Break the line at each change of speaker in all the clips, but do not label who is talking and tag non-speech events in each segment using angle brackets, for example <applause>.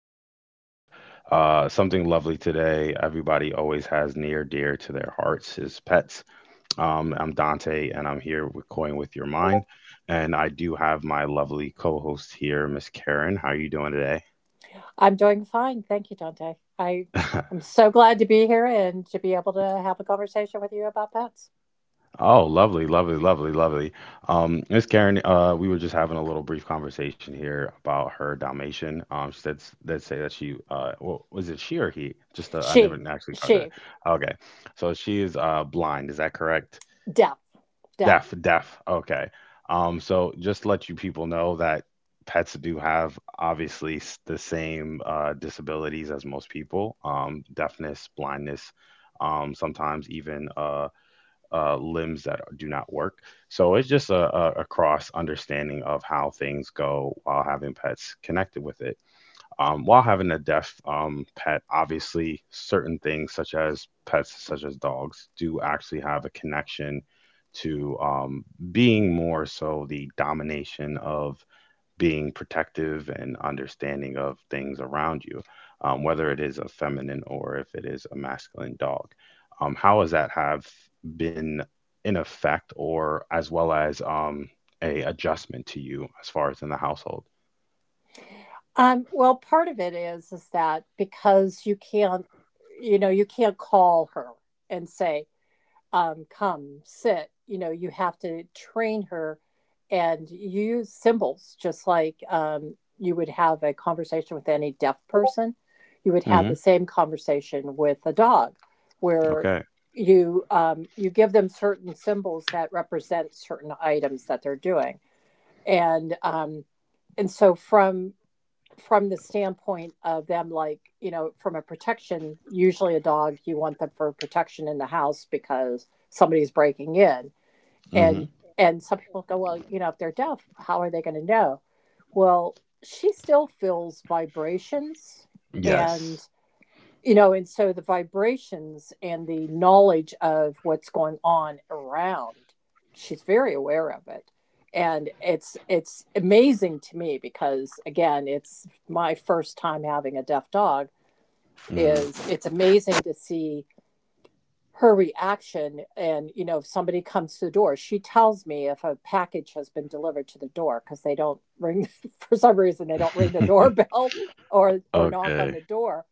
I do have something lovely today. Everybody always has near dear to their hearts is pets. I'm Dante, and I'm here with Coin with Your Mind, and I do have my lovely co-host here, Miss Karen. How are you doing today?
I'm doing fine. Thank you, Dante. I
<laughs>
am so glad to be here and to be able to have a conversation with you about pets.
Oh, lovely, lovely, lovely, lovely. Miss Karen, we were just having a little brief conversation here about her Dalmatian. She said us say that she, well, was it she or he? Just I never
She,
actually got that.
she,
Okay, so she is blind. Is that correct?
deaf, deaf.
Deaf, deaf. Okay. So just to let you people know that pets do have obviously the same disabilities as most people. Deafness, blindness, sometimes even limbs that do not work. So it's just a cross understanding of how things go while having pets connected with it. While having a deaf pet, obviously, certain things such as pets, such as dogs, do actually have a connection to, being more so the domination of being protective and understanding of things around you, whether it is a feminine or if it is a masculine dog. How has that have been in effect, or as well as a adjustment to you as far as in the household?
Well, part of it is that because you can't, you know, you can't call her and say, come sit. You know, you have to train her, and you use symbols. Just like, you would have a conversation with any deaf person, you would have the
Hmm.
same conversation with a dog, where
Okay.
you, you give them certain symbols that represent certain items that they're doing. And so from the standpoint of them, like, you know, from a protection, usually a dog you want them for protection in the house because somebody's breaking in. and
Hmm.
and some people go, well, you know, if they're deaf, how are they going to know? Well, she still feels vibrations.
Yes.
And, you know, and so the vibrations and the knowledge of what's going on around, she's very aware of it. And it's amazing to me because, again, it's my first time having a deaf dog.
Hmm.
Is it's amazing to see her reaction. And, you know, if somebody comes to the door, she tells me if a package has been delivered to the door, because they don't ring <laughs> for some reason. They don't ring the
<laughs>
doorbell <laughs> or knock on
Okay.
the door.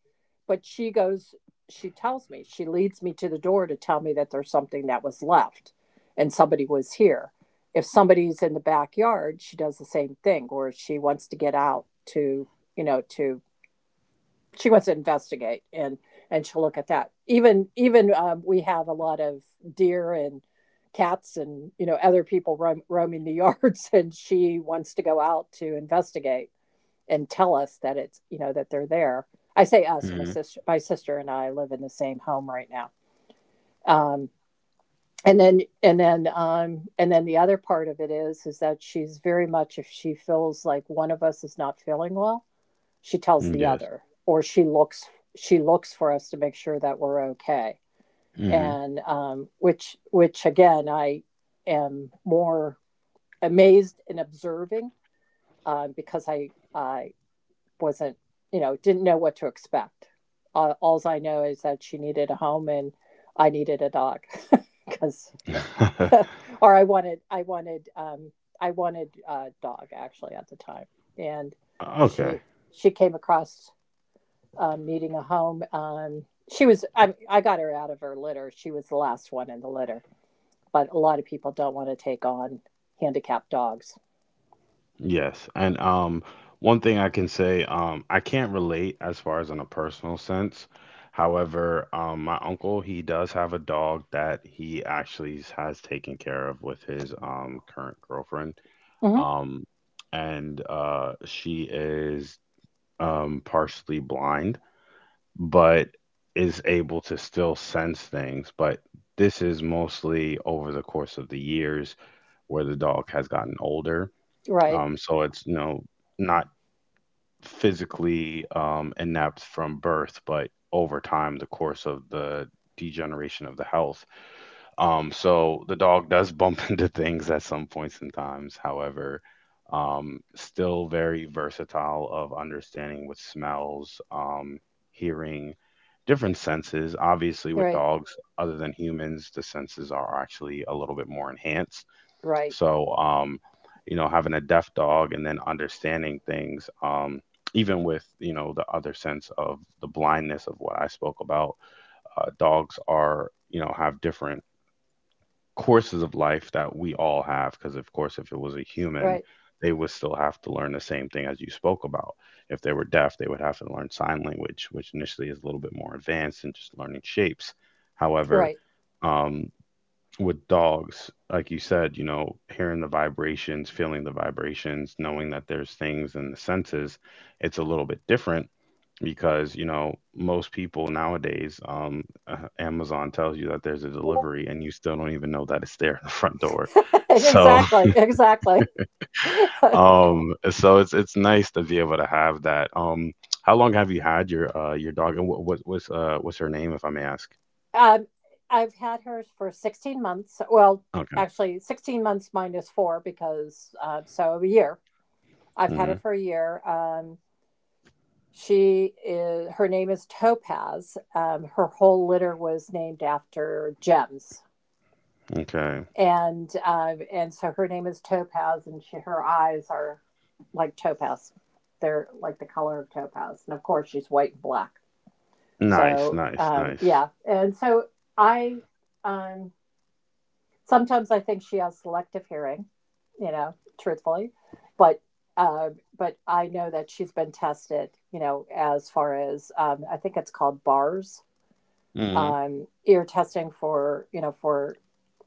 But she goes, she tells me, she leads me to the door to tell me that there's something that was left and somebody was here. If somebody's in the backyard, she does the same thing, or she wants to get out to, you know, to, she wants to investigate. And she'll look at that, even we have a lot of deer and cats, and, you know, other people roam, roaming the <laughs> yards, and she wants to go out to investigate and tell us that it's, you know, that they're there. I say us, my
Hmm.
sister, my sister and I live in the same home right now. um, and then the other part of it is that she's very much, if she feels like one of us is not feeling well, she tells the
Yes.
other, or she looks, she looks for us to make sure that we're okay.
Hmm.
And which again, I am more amazed and observing, because I wasn't, you know, didn't know what to expect. All I know is that she needed a home and I needed a dog, because
<laughs>
<laughs> or I wanted a dog, actually, at the time. And
Okay.
she she came across, needing a home. She was, I got her out of her litter. She was the last one in the litter, but a lot of people don't want to take on handicapped dogs.
Yes. And one thing I can say, I can't relate as far as in a personal sense. However, my uncle, he does have a dog that he actually has taken care of with his current girlfriend.
Hmm.
Um and she is partially blind, but is able to still sense things, but this is mostly over the course of the years where the dog has gotten older.
Right,
So it's, you know, not physically inept from birth, but over time, the course of the degeneration of the health. So the dog does bump <laughs> into things at some points in times. However, still very versatile of understanding with smells, hearing different senses. Obviously, with
right,
dogs, other than humans, the senses are actually a little bit more enhanced.
right,
So, you know, having a deaf dog and then understanding things, even with, you know, the other sense of the blindness of what I spoke about, dogs are, you know, have different courses of life that we all have. Because, of course, if it was a human,
right,
they would still have to learn the same thing as you spoke about. If they were deaf, they would have to learn sign language, which initially is a little bit more advanced than just learning shapes. However,
right.
um, with dogs, like you said, you know, hearing the vibrations, feeling the vibrations, knowing that there's things in the senses, it's a little bit different because, you know, most people nowadays, Amazon tells you that there's a delivery and you still don't even know that it's there at the front door.
<laughs>
So,
Exactly,
<laughs>
exactly. <laughs>
so it's nice to be able to have that. How long have you had your dog and what's her name if I may ask?
um, I've had her for 16 months. Well,
Okay.
actually, 16 months minus four, because, so a year. I've had
Hmm.
her for a year. She is, her name is Topaz. Her whole litter was named after gems,
Okay.
and so her name is Topaz, and she, her eyes are like topaz. They're like the color of topaz, and of course she's white and black.
Nice,
So,
nice, nice.
yeah, and so I, um, sometimes I think she has selective hearing, you know, truthfully, but uh, but I know that she's been tested, you know, as far as, I think it's called bars,
Hmm.
ear testing for, you know, for,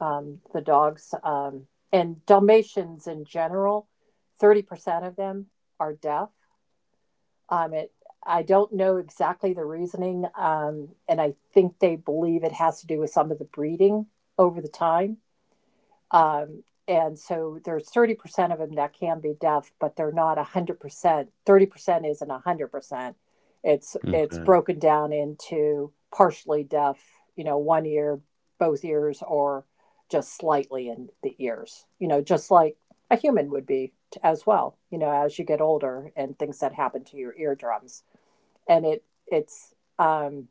the dogs, and Dalmatians in general. 30% of them are deaf. Um, it, I don't know exactly the reasoning, and I think they believe it has to do with some of the breeding over the time, and so there's 30% of them that can be deaf, but they're not 100%. 30% isn't 100%. It's
Okay.
broken down into partially deaf, you know, one ear, both ears, or just slightly in the ears. You know, just like a human would be as well. You know, as you get older and things that happen to your eardrums. And it it's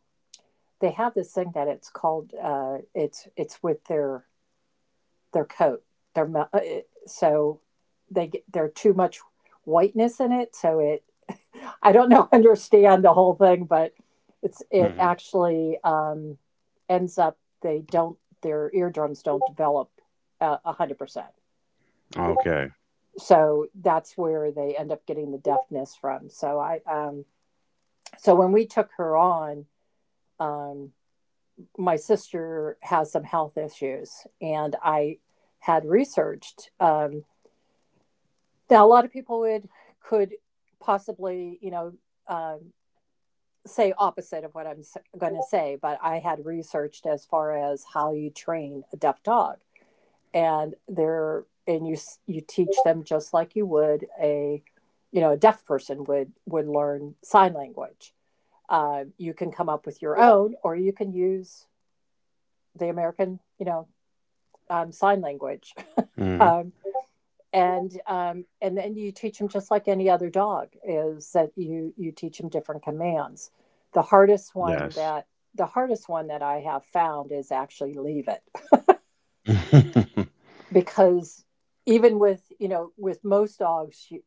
they have this thing that it's called, it's with their coat. Their, uh, so they get, there's too much whiteness in it. So it, I don't <laughs> know, understand the whole thing, but it's, it
Mhm.
actually, ends up, they don't, their eardrums don't develop 100%.
Okay.
So that's where they end up getting the deafness from. So I so when we took her on. Um, my sister has some health issues, and I had researched. Now, a lot of people would, could possibly, you know, um, say opposite of what I'm going to say, but I had researched as far as how you train a deaf dog. And there, and you teach them just like you would a, you know, a deaf person would learn sign language. You can come up with your own, or you can use the American, you know, sign language. <laughs>
Mhm.
Um, and then you teach them just like any other dog, is that you teach them different commands. the hardest one
Yes.
that the hardest one that I have found is actually leave it,
<laughs>
because even with, you know, with most dogs, you,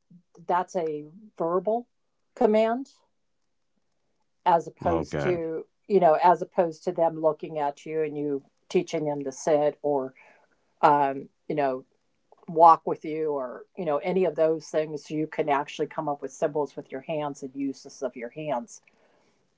that's a verbal command, as opposed
Okay.
to, you know, as opposed to them looking at you and you teaching them to sit, or, you know, walk with you, or, you know, any of those things. You can actually come up with symbols with your hands and use this of your hands,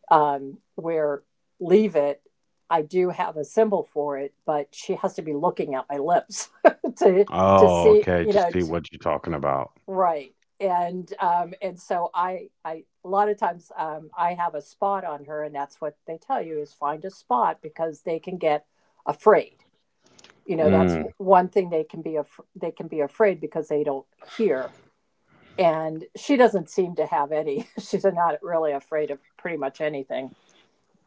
where, leave it, I do have a symbol for it, but she has to be looking at my lips <laughs> to to
Oh,
see,
okay,
you
just
know,
see
t,
what you're talking about.
right. And so I a lot of times, I have a spot on her, and that's what they tell you is, find a spot, because they can get afraid. You know, that's
Mm,
one thing, they can be af-, they can be afraid because they don't hear. And she doesn't seem to have any. <laughs> She's not really afraid of pretty much anything.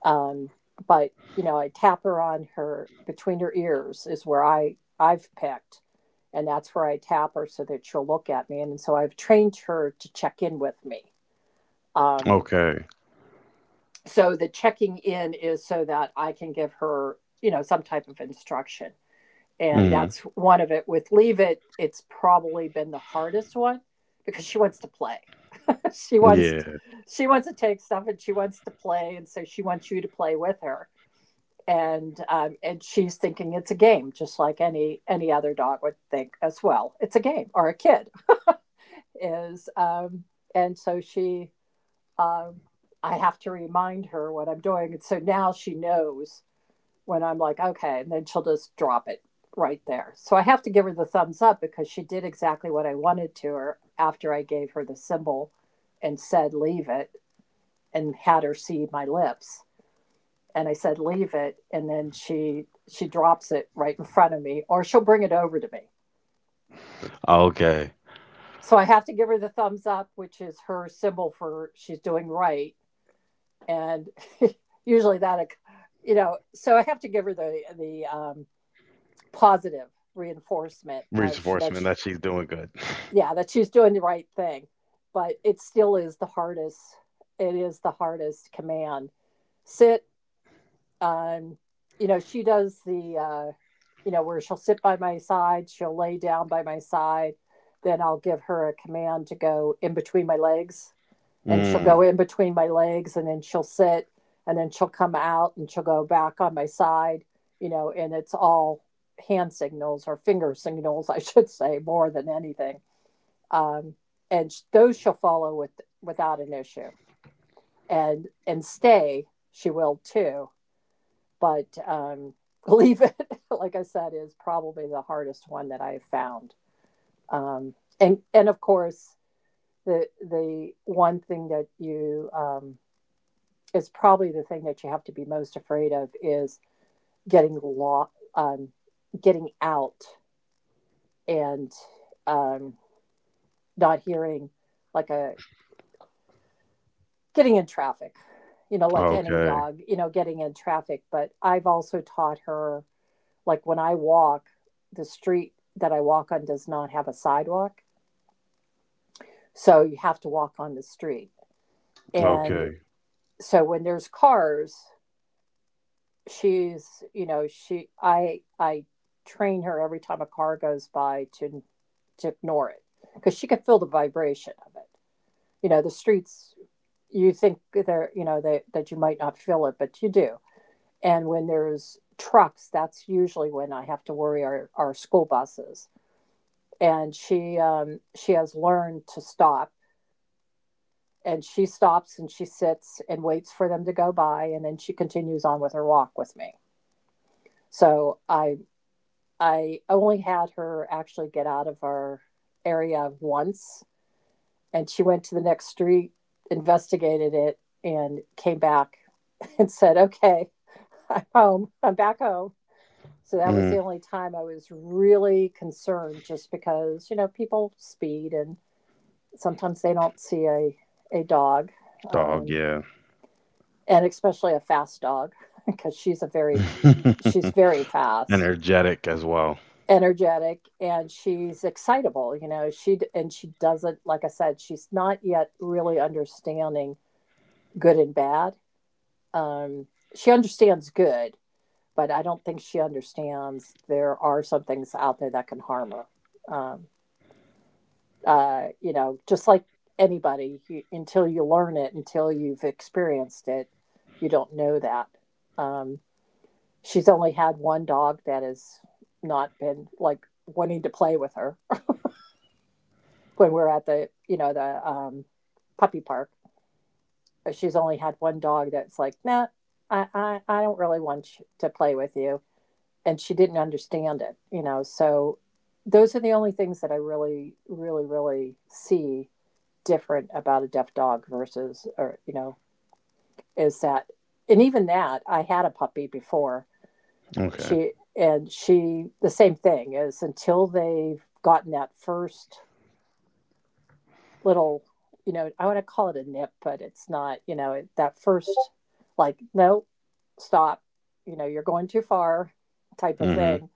Um, but you know, I tap her on her, between her ears is where I've picked, and that's where I tap her so that she'll look at me. And so I've trained her to check in with me. Um,
okay.
so the checking in is so that I can give her, you know, some type of instruction. And
Mhm.
that's one of it. With leave it, it's probably been the hardest one, because she wants to play. <laughs> she wants
Yeah.
she wants to take stuff and she wants to play, and so she wants you to play with her. And and she's thinking it's a game, just like any other dog would think as well, it's a game, or a kid is, and so she, um, I have to remind her what I'm doing, and so now she knows, when I'm like okay, and then she'll just drop it right there. So I have to give her the thumbs up, because she did exactly what I wanted to her after I gave her the symbol and said leave it and had her see my lips. And I said, "Leave it." And then she drops it right in front of me, or she'll bring it over to me.
Okay.
So I have to give her the thumbs up, which is her symbol for she's doing right. And usually that, you know, so I have to give her the positive reinforcement of, she, that
Reinforcement
she,
that she's doing good. <laughs>
yeah, that she's doing the right thing. But it still is the hardest. It is the hardest command. Sit, um, you know, she does the, you know, where she'll sit by my side, she'll lay down by my side, then I'll give her a command to go in between my legs, and she'll
Mm,
go in between my legs, and then she'll sit, and then she'll come out and she'll go back on my side. You know, and it's all hand signals or finger signals, <laughs> I should say, more than anything. Um, and those she'll follow with without an issue. And stay, she will too. But <laughs> believe it, like I said, is probably the hardest one that I've found. And of course, the one thing that you, is probably the thing that you have to be most afraid of is getting lo-, um, getting out, and, um, not hearing, like a, getting in traffic. You know, like any
okay.
dog, you know, getting in traffic. But I've also taught her, like when I walk, the street that I walk on does not have a sidewalk. So you have to walk on the street. And
Okay.
so when there's cars, she's, you know, she I train her every time a car goes by to ignore it because she could feel the vibration of it. You know, the streets you think they're, you know, that you might not feel it, but you do. And when there's trucks, that's usually when I have to worry our school buses and she has learned to stop, and she stops and she sits and waits for them to go by, and then she continues on with her walk with me. So I only had her actually get out of our area once, and she went to the next street, investigated it, and came back <laughs> and said, okay, home I'm back home. So that was the
Mm,
only time I was really concerned, just because, you know, people speed. And sometimes they don't see a dog,
dog,
um,
yeah.
and especially a fast dog, <laughs> because she's very
<laughs>
fast,
Energetic as well.
energetic, and she's excitable. You know, she doesn't, like I said, she's not yet really understanding good and bad. Um, she understands good, but I don't think she understands there are some things out there that can harm her. You know, just like anybody, you, until you learn it, until you've experienced it, you don't know that. Um, she's only had one dog that has not been like wanting to play with her when we're at the, you know, the puppy park. She's only had one dog that's like, nah, I don't really want to play with you. And she didn't understand it, you know. So those are the only things that I really, really, really see different about a deaf dog versus, or you know, is that, and even that, I had a puppy before,
Okay.
she, the same thing, is until they've gotten that first little, you know, I want to call it a nip, but it's not, you know, that first like, no, stop, you know, you're going too far type of
Mhm.
thing,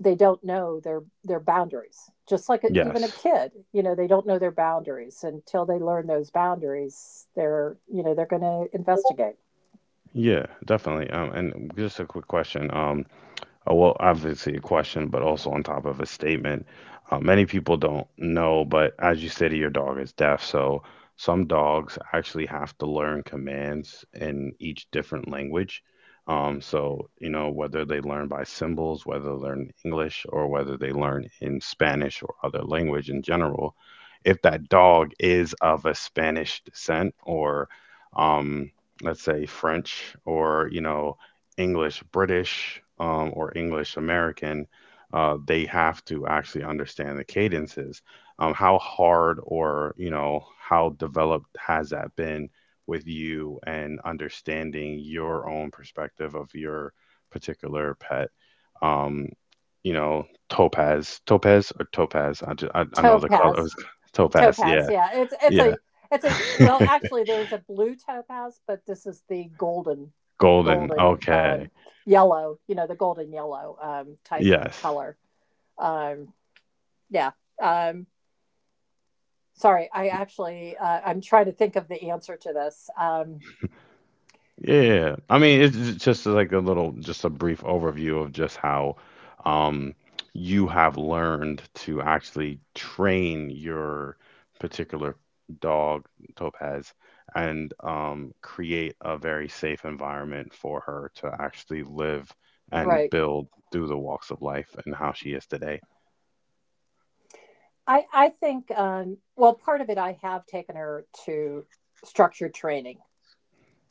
they don't know their boundaries. Just like a, even a
Yes.
kid, you know, they don't know their boundaries until they learn those boundaries. They're, you know, they're going to investigate.
Yeah, definitely. And just a quick question. Well, obviously a question, but also on top of a statement. Many people don't know, but as you stated, your dog is deaf. So some dogs actually have to learn commands in each different language. So, you know, whether they learn by symbols, whether they learn English, or whether they learn in Spanish or other language in general, if that dog is of a Spanish descent or, um, let's say, French or, you know, English British or English American, they have to actually understand the cadences. How hard or, you know, how developed has that been with you and understanding your own perspective of your particular pet? Um, you know, Topaz, Topaz or Topaz. I know the color. It
Topaz.
was Topaz.
topaz
Yeah,
yeah it's
yeah.
a it's a,
<laughs>
well actually, there's a blue topaz, but this is the golden.
Golden.
Golden,
Okay.
yellow, you know, the golden yellow type
Yes.
color. um yeah. Um sorry i actually, I'm trying to think of the answer to this.
Yeah. I mean, it's just like a little, just a brief overview of just how um, you have learned to actually train your particular dog, Topaz, and create a very safe environment for her to actually live and
Right
build through the walks of life and how she is today.
I think, well, part of it, I have taken her to structured training,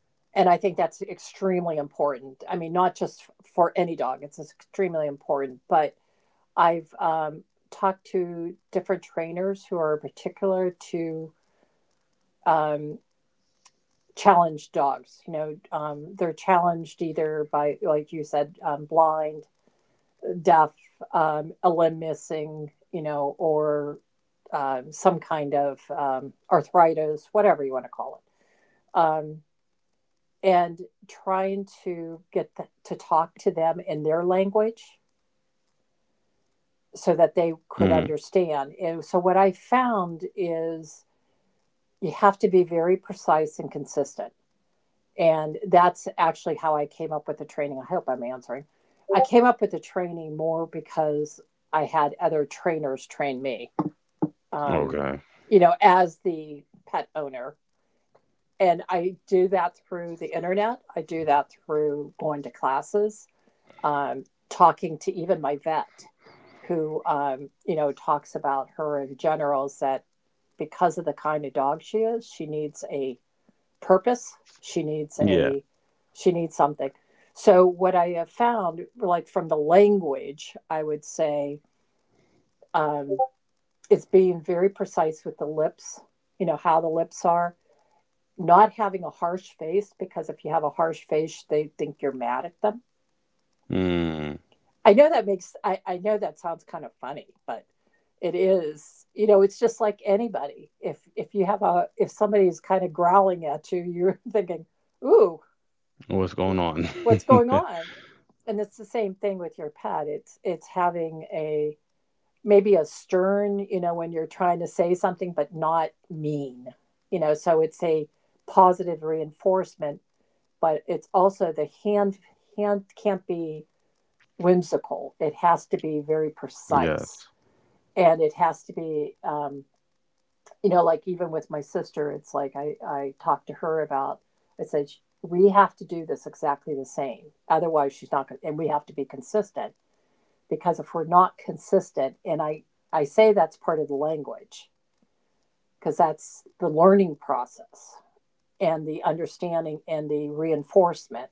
and I think that's extremely important. I mean, not just for any dog; it's extremely important. But I've, talked to different trainers who are particular to um, challenged dogs. You know, they're challenged either by, like you said, blind, deaf, a limb missing. You know, or some kind of arthritis, whatever you want to call it, and trying to get to talk to them in their language so that they could
Hmm.
understand. And so, what I found is you have to be very precise and consistent. And that's actually how I came up with the training. I hope I'm answering. I came up with the training more because I had other trainers train me, um,
Okay.
you know, as the pet owner, and I do that through the internet. I do that through going to classes, talking to even my vet, who, you know, talks about her in generals, that because of the kind of dog she is, she needs a purpose. She needs
Yeah.
a, she needs something. So what I have found, like from the language, I would say, um, is being very precise with the lips. You know how the lips are, not having a harsh face, because if you have a harsh face, they think you're mad at them.
Mm.
I know that sounds kind of funny, but it is, you know, it's just like anybody. If you have a, if somebody's kind of growling at you, <laughs> you're thinking, ooh,
What's going on?
what's going
<laughs>
on? And it's the same thing with your pet. It's having a, maybe a stern, you know, when you're trying to say something, but not mean, you know. So it's a positive reinforcement, but it's also the hand. Hand can't be whimsical. It has to be very precise,
Yes.
and it has to be, you know, like even with my sister, it's like I talked to her about. I said, we have to do this exactly the same, otherwise she's not going to. And we have to be consistent, because if we're not consistent, and I say that's part of the language, because that's the learning process and the understanding and the reinforcement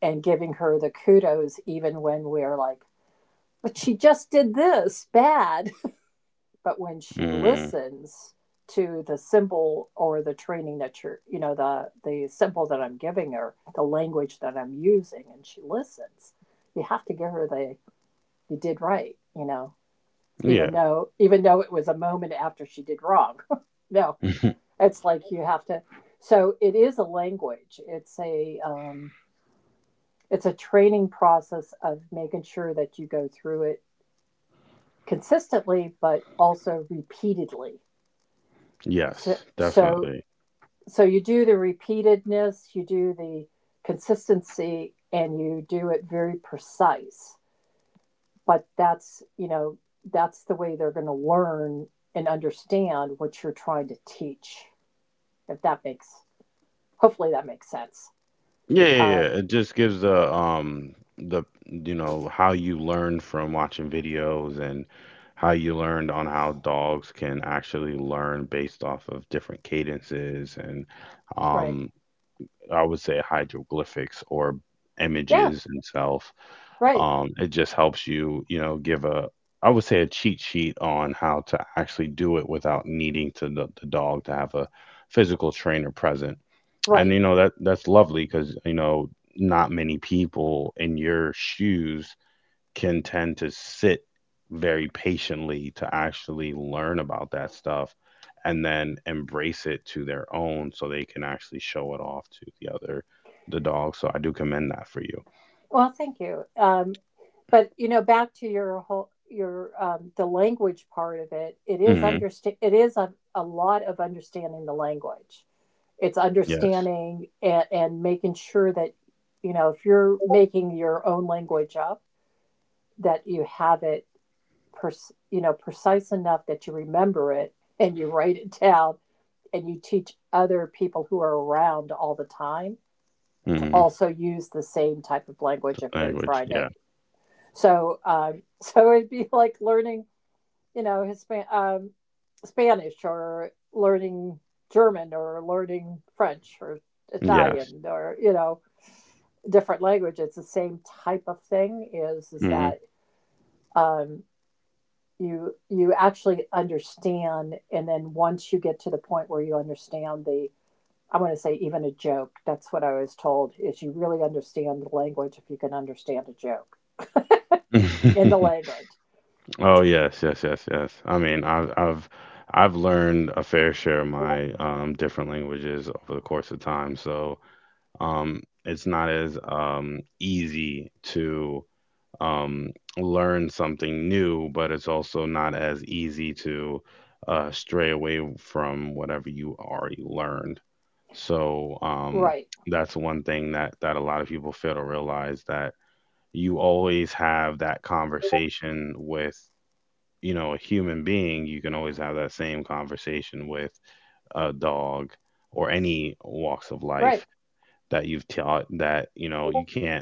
and giving her the kudos even when we're like, but she just did this bad, <laughs> but when she
Mm.
listens to the symbol or the training that you're, you know, the symbol that I'm giving her, the language that I'm using, and she listens, you have to give her the, you did right, you know,
Yeah.
even though, even though it was a moment after she did wrong. <laughs> No,
<laughs>
it's like you have to. So it is a language. It's a, it's a training process of making sure that you go through it consistently, but also repeatedly. so
Yes,
so
definitely.
so you do the repeatedness, you do the consistency, and you do it very precise. But that's, you know, that's the way they're going to learn and understand what you're trying to teach, if that makes, hopefully that makes sense.
Yeah, yeah, yeah.
um,
It just gives the you know how you learned from watching videos and how you learned on how dogs can actually learn based off of different cadences and
right.
um I would say hieroglyphics or
Yeah.
images itself.
Right,
It just helps you, you know, give a, I would say, a cheat sheet on how to actually do it without needing to the dog to have a physical trainer present. And
right.
you know that that's lovely because, you know, not many people in your shoes can tend to sit very patiently to actually learn about that stuff and then embrace it to their own so they can actually show it off to the other, the dog. So I do commend that for you.
Well, thank you. But you know, back to your whole, your, the language part of it, it is
Hmm.
understand, it is a lot of understanding the language. It's
Yes.
understanding and making sure that, you know, if you're making your own language up, that you have it, you know, precise enough that you remember it and you write it <laughs> down, and you teach other people who are around all the time to
Hmm.
also use the same type of language if they're
Language,
trying to.
yeah.
So, <laughs> so it'd be like learning, you know, Spanish, or learning German, or learning French, or
Yes.
Italian, or you know, different language. It's the same type of thing. Is
Hmm.
that, um, you, you actually understand, and then once you get to the point where you understand the, I want to say even a joke. That's what I was told, is you really understand the language if you can understand a joke in the
<laughs>
language.
Oh yes, yes, yes, yes. I mean, I've learned a fair share of my different languages over the course of time, so it's not as easy to learn something new, but it's also not as easy to stray away from whatever you already learned. So
Right,
that's one thing that a lot of people fail to realize that you always have that conversation with, you know, a human being, you can always have that same conversation with a dog or any walks of life
right,
that you've taught that, you know, you can't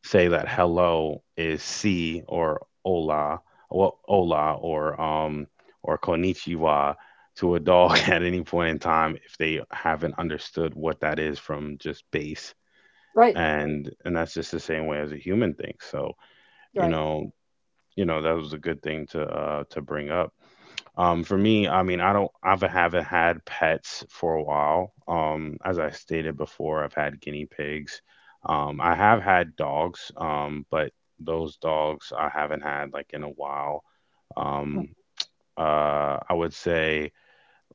say that hello is C or hola, well, hola or konnichiwa to a dog <laughs> at any point in time if they haven't understood what that is from just base.
right,
And that's just the same way as a human thinks. So, you
right.
know, you know, that was a good thing to bring up. For me, I mean, I don't, I've haven't had pets for a while. As I stated before, I've had guinea pigs. I have had dogs, but those dogs I haven't had like in a while.
Mm-hmm.
Um, I would say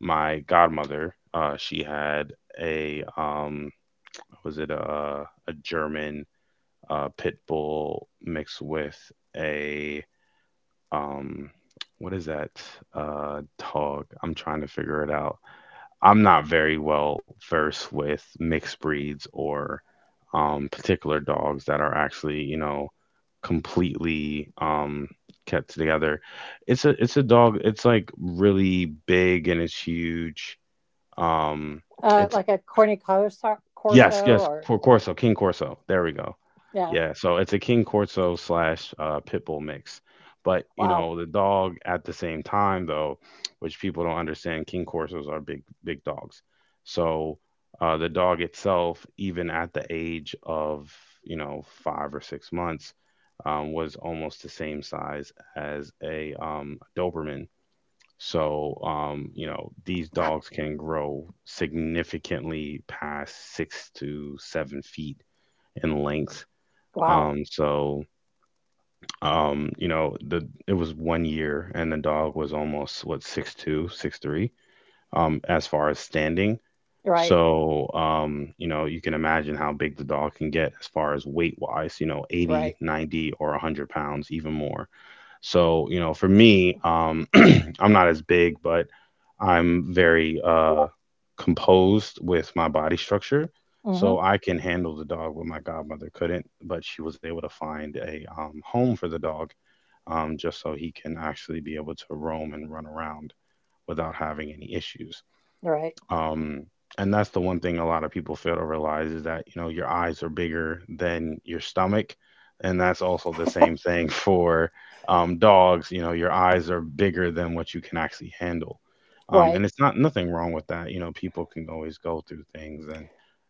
my godmother, she had a, was it a German pit bull mixed with a, um, what is that uh, dog? I'm trying to figure it out. I'm not very well versed with mixed breeds or particular dogs that are actually, you know, completely kept together. It's a dog. It's like really big and it's huge. Um, it's
Like a Corny Corso,
Yes, yes,
or
Corso, King Corso. There we go.
yeah.
Yeah, so it's a King Corso slash Pitbull mix. But, you
Wow.
know, the dog at the same time, though, which people don't understand, King Corsos are big, big dogs. So the dog itself, even at the age of, you know, 5 or 6 months, was almost the same size as a Doberman. So, you know, these dogs can grow significantly past 6 to 7 feet in length.
Wow.
So, you know, the it was 1 year, and the dog was almost what 6'2", 6'3", as far as standing.
Right.
So, you know, you can imagine how big the dog can get as far as weight wise. You know, 80,
Right.
90, 90, or 100 pounds, even more. So, you know, for me, <clears throat> I'm not as big, but I'm very composed with my body structure. So
Mm-hmm.
I can handle the dog when my godmother couldn't, but she was able to find a home for the dog just so he can actually be able to roam and run around without having any issues.
Right.
Um, and that's the one thing a lot of people fail to realize is that, you know, your eyes are bigger than your stomach. And that's also the same thing <laughs> for dogs. You know, your eyes are bigger than what you can actually handle.
Right.
And it's not nothing wrong with that. You know, people can always go through things and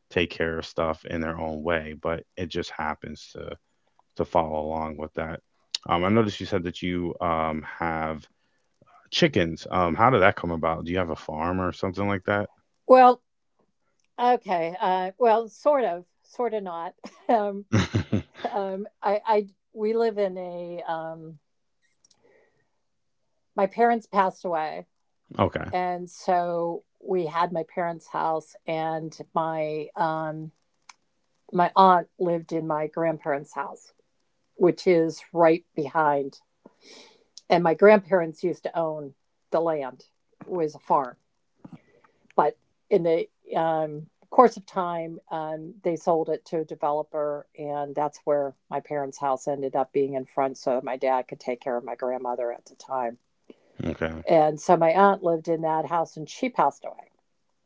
take care of stuff in their own way, but it just happens to follow along with that. I noticed you said that you have chickens. How did that come about? Do you have a farm or something like that?
Well, okay. Well, sort of not. <laughs> Um,
<laughs>
um, I, I, we live in a, my parents passed away.
Okay.
And so we had my parents' house, and my, my aunt lived in my grandparents' house, which is right behind. And my grandparents used to own the land. It was a farm. But in the, course of time, they sold it to a developer, and that's where my parents house ended up being in front, so that my dad could take care of my grandmother at the time.
Okay.
And so my aunt lived in that house, and she passed away,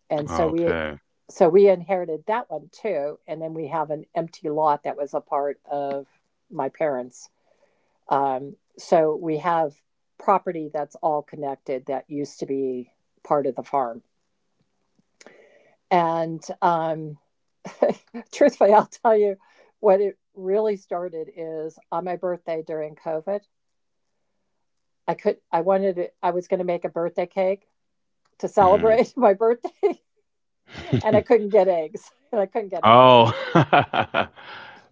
and
Okay.
so we inherited that one too. And then we have an empty lot that was a part of my parents, so we have property that's all connected that used to be part of the farm. And <laughs> truthfully, I'll tell you what it really started is on my birthday during COVID. I could, I wanted, I was going to make a birthday cake to
Mm.
celebrate <laughs> my birthday, and I
<laughs>
couldn't get eggs, and I couldn't get eggs.
Oh,
<laughs>
<laughs>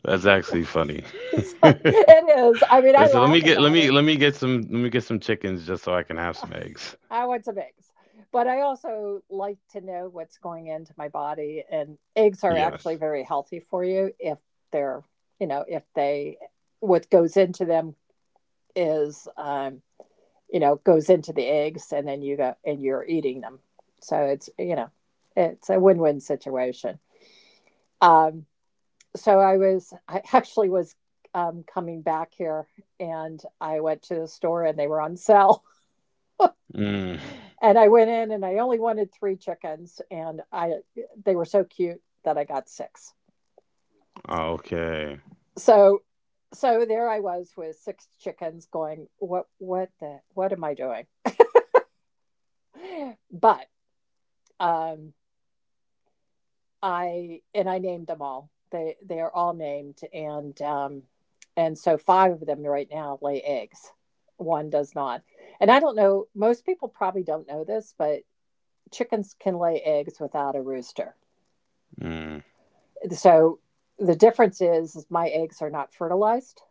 that's actually funny. <laughs>
So
Listen,
it is. I mean, I laugh about it.
let me get some let me get some chickens just so I can have some eggs.
I want some eggs. But I also like to know what's going into my body, and eggs are actually
Yes.
very healthy for you if they're, you know, if they, what goes into them is, you know, goes into the eggs, and then you go and you're eating them. So it's, you know, it's a win-win situation. Um so I was, I <laughs> actually was coming back here, and I went to the store and they were on sale.
Mm.
And I went in and I only wanted three chickens, and I, they were so cute that I got six.
Okay.
So, so there I was with six chickens going, what the, what am I doing? But um I, and I named them all. They are all named and and so five of them right now lay eggs. One does not. And I don't know, most people probably don't know this, but chickens can lay eggs without a rooster.
Mm.
So the difference is my eggs are not fertilized,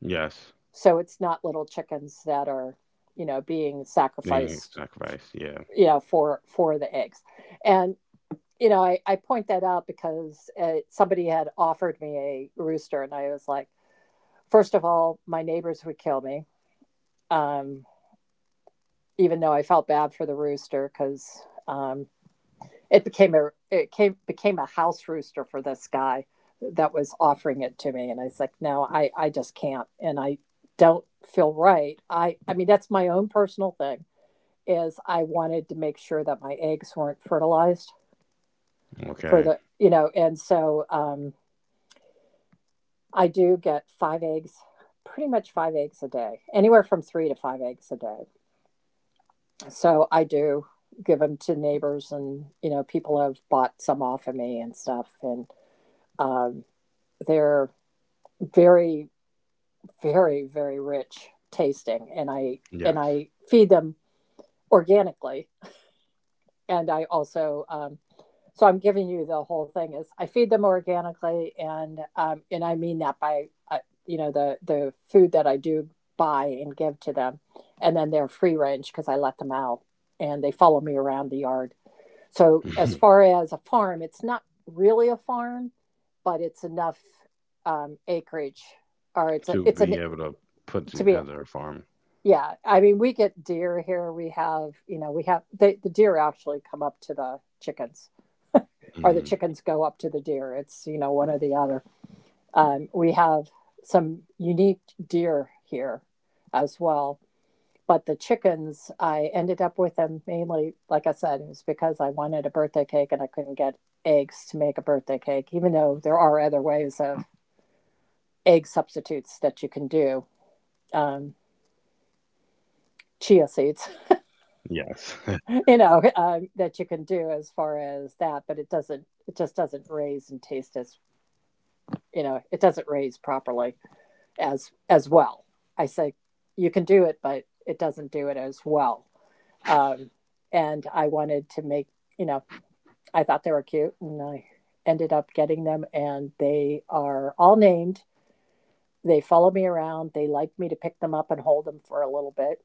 Yes.
so it's not little chickens that are, being
Being
sacrificed,
sacrificed. Yeah.
for the eggs. And I point that out because somebody had offered me a rooster, and I was like, first of all, my neighbors would kill me, um, even though I felt bad for the rooster because. Um, It became a it came became a house rooster for this guy that was offering it to me, and I was like, no, I just can't, and I don't feel right. I mean that's my own personal thing is I wanted to make sure that my eggs weren't fertilized for
Okay.
the you know, and so I do get five eggs, pretty much five eggs a day, anywhere from three to five eggs a day. So I do give them to neighbors and you know people have bought some off of me and stuff and um, they're very very rich tasting and i and
Yes.
i feed them organically and I also so I'm giving you the whole thing is I feed them organically and I mean that by you know the food that I do buy and give to them, and then they're free range because I let them out and they follow me around the yard. So as
<laughs>
far as a farm, it's not really a farm, but it's enough acreage, or it's a
To
it's an
be able to put
to be
together a farm.
yeah, I mean we get deer here. We have you know we have the deer actually come up to the chickens, or the
Mm.
chickens go up to the deer. It's you know, one or the other. We have some unique deer here as well. But the chickens, I ended up with them mainly, like I said, it was because I wanted a birthday cake and I couldn't get eggs to make a birthday cake, even though there are other ways of egg substitutes that you can do. um, chia seeds,
Yes. <laughs>
you know, that you can do as far as that, but it doesn't, it just doesn't raise and taste as, you know, it doesn't raise properly as well. I say you can do it but it doesn't do it as well. um, and I wanted to make, you know, I thought they were cute and I ended up getting them, and they are all named. They follow me around, they like me to pick them up and hold them for a little bit,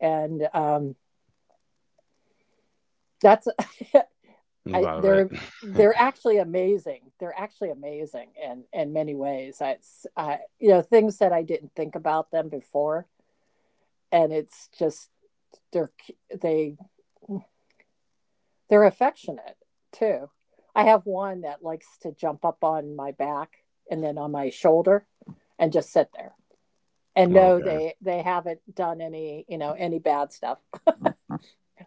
and that's <laughs>
That's
I
about
they're
it.
they're actually amazing. They're actually amazing in many ways. You know, things that I didn't think about them before, and it's just they're they they're affectionate too. I have one that likes to jump up on my back and then on my shoulder, and just sit there.
<laughs>
And no,
Okay.
they haven't done any you know any bad stuff.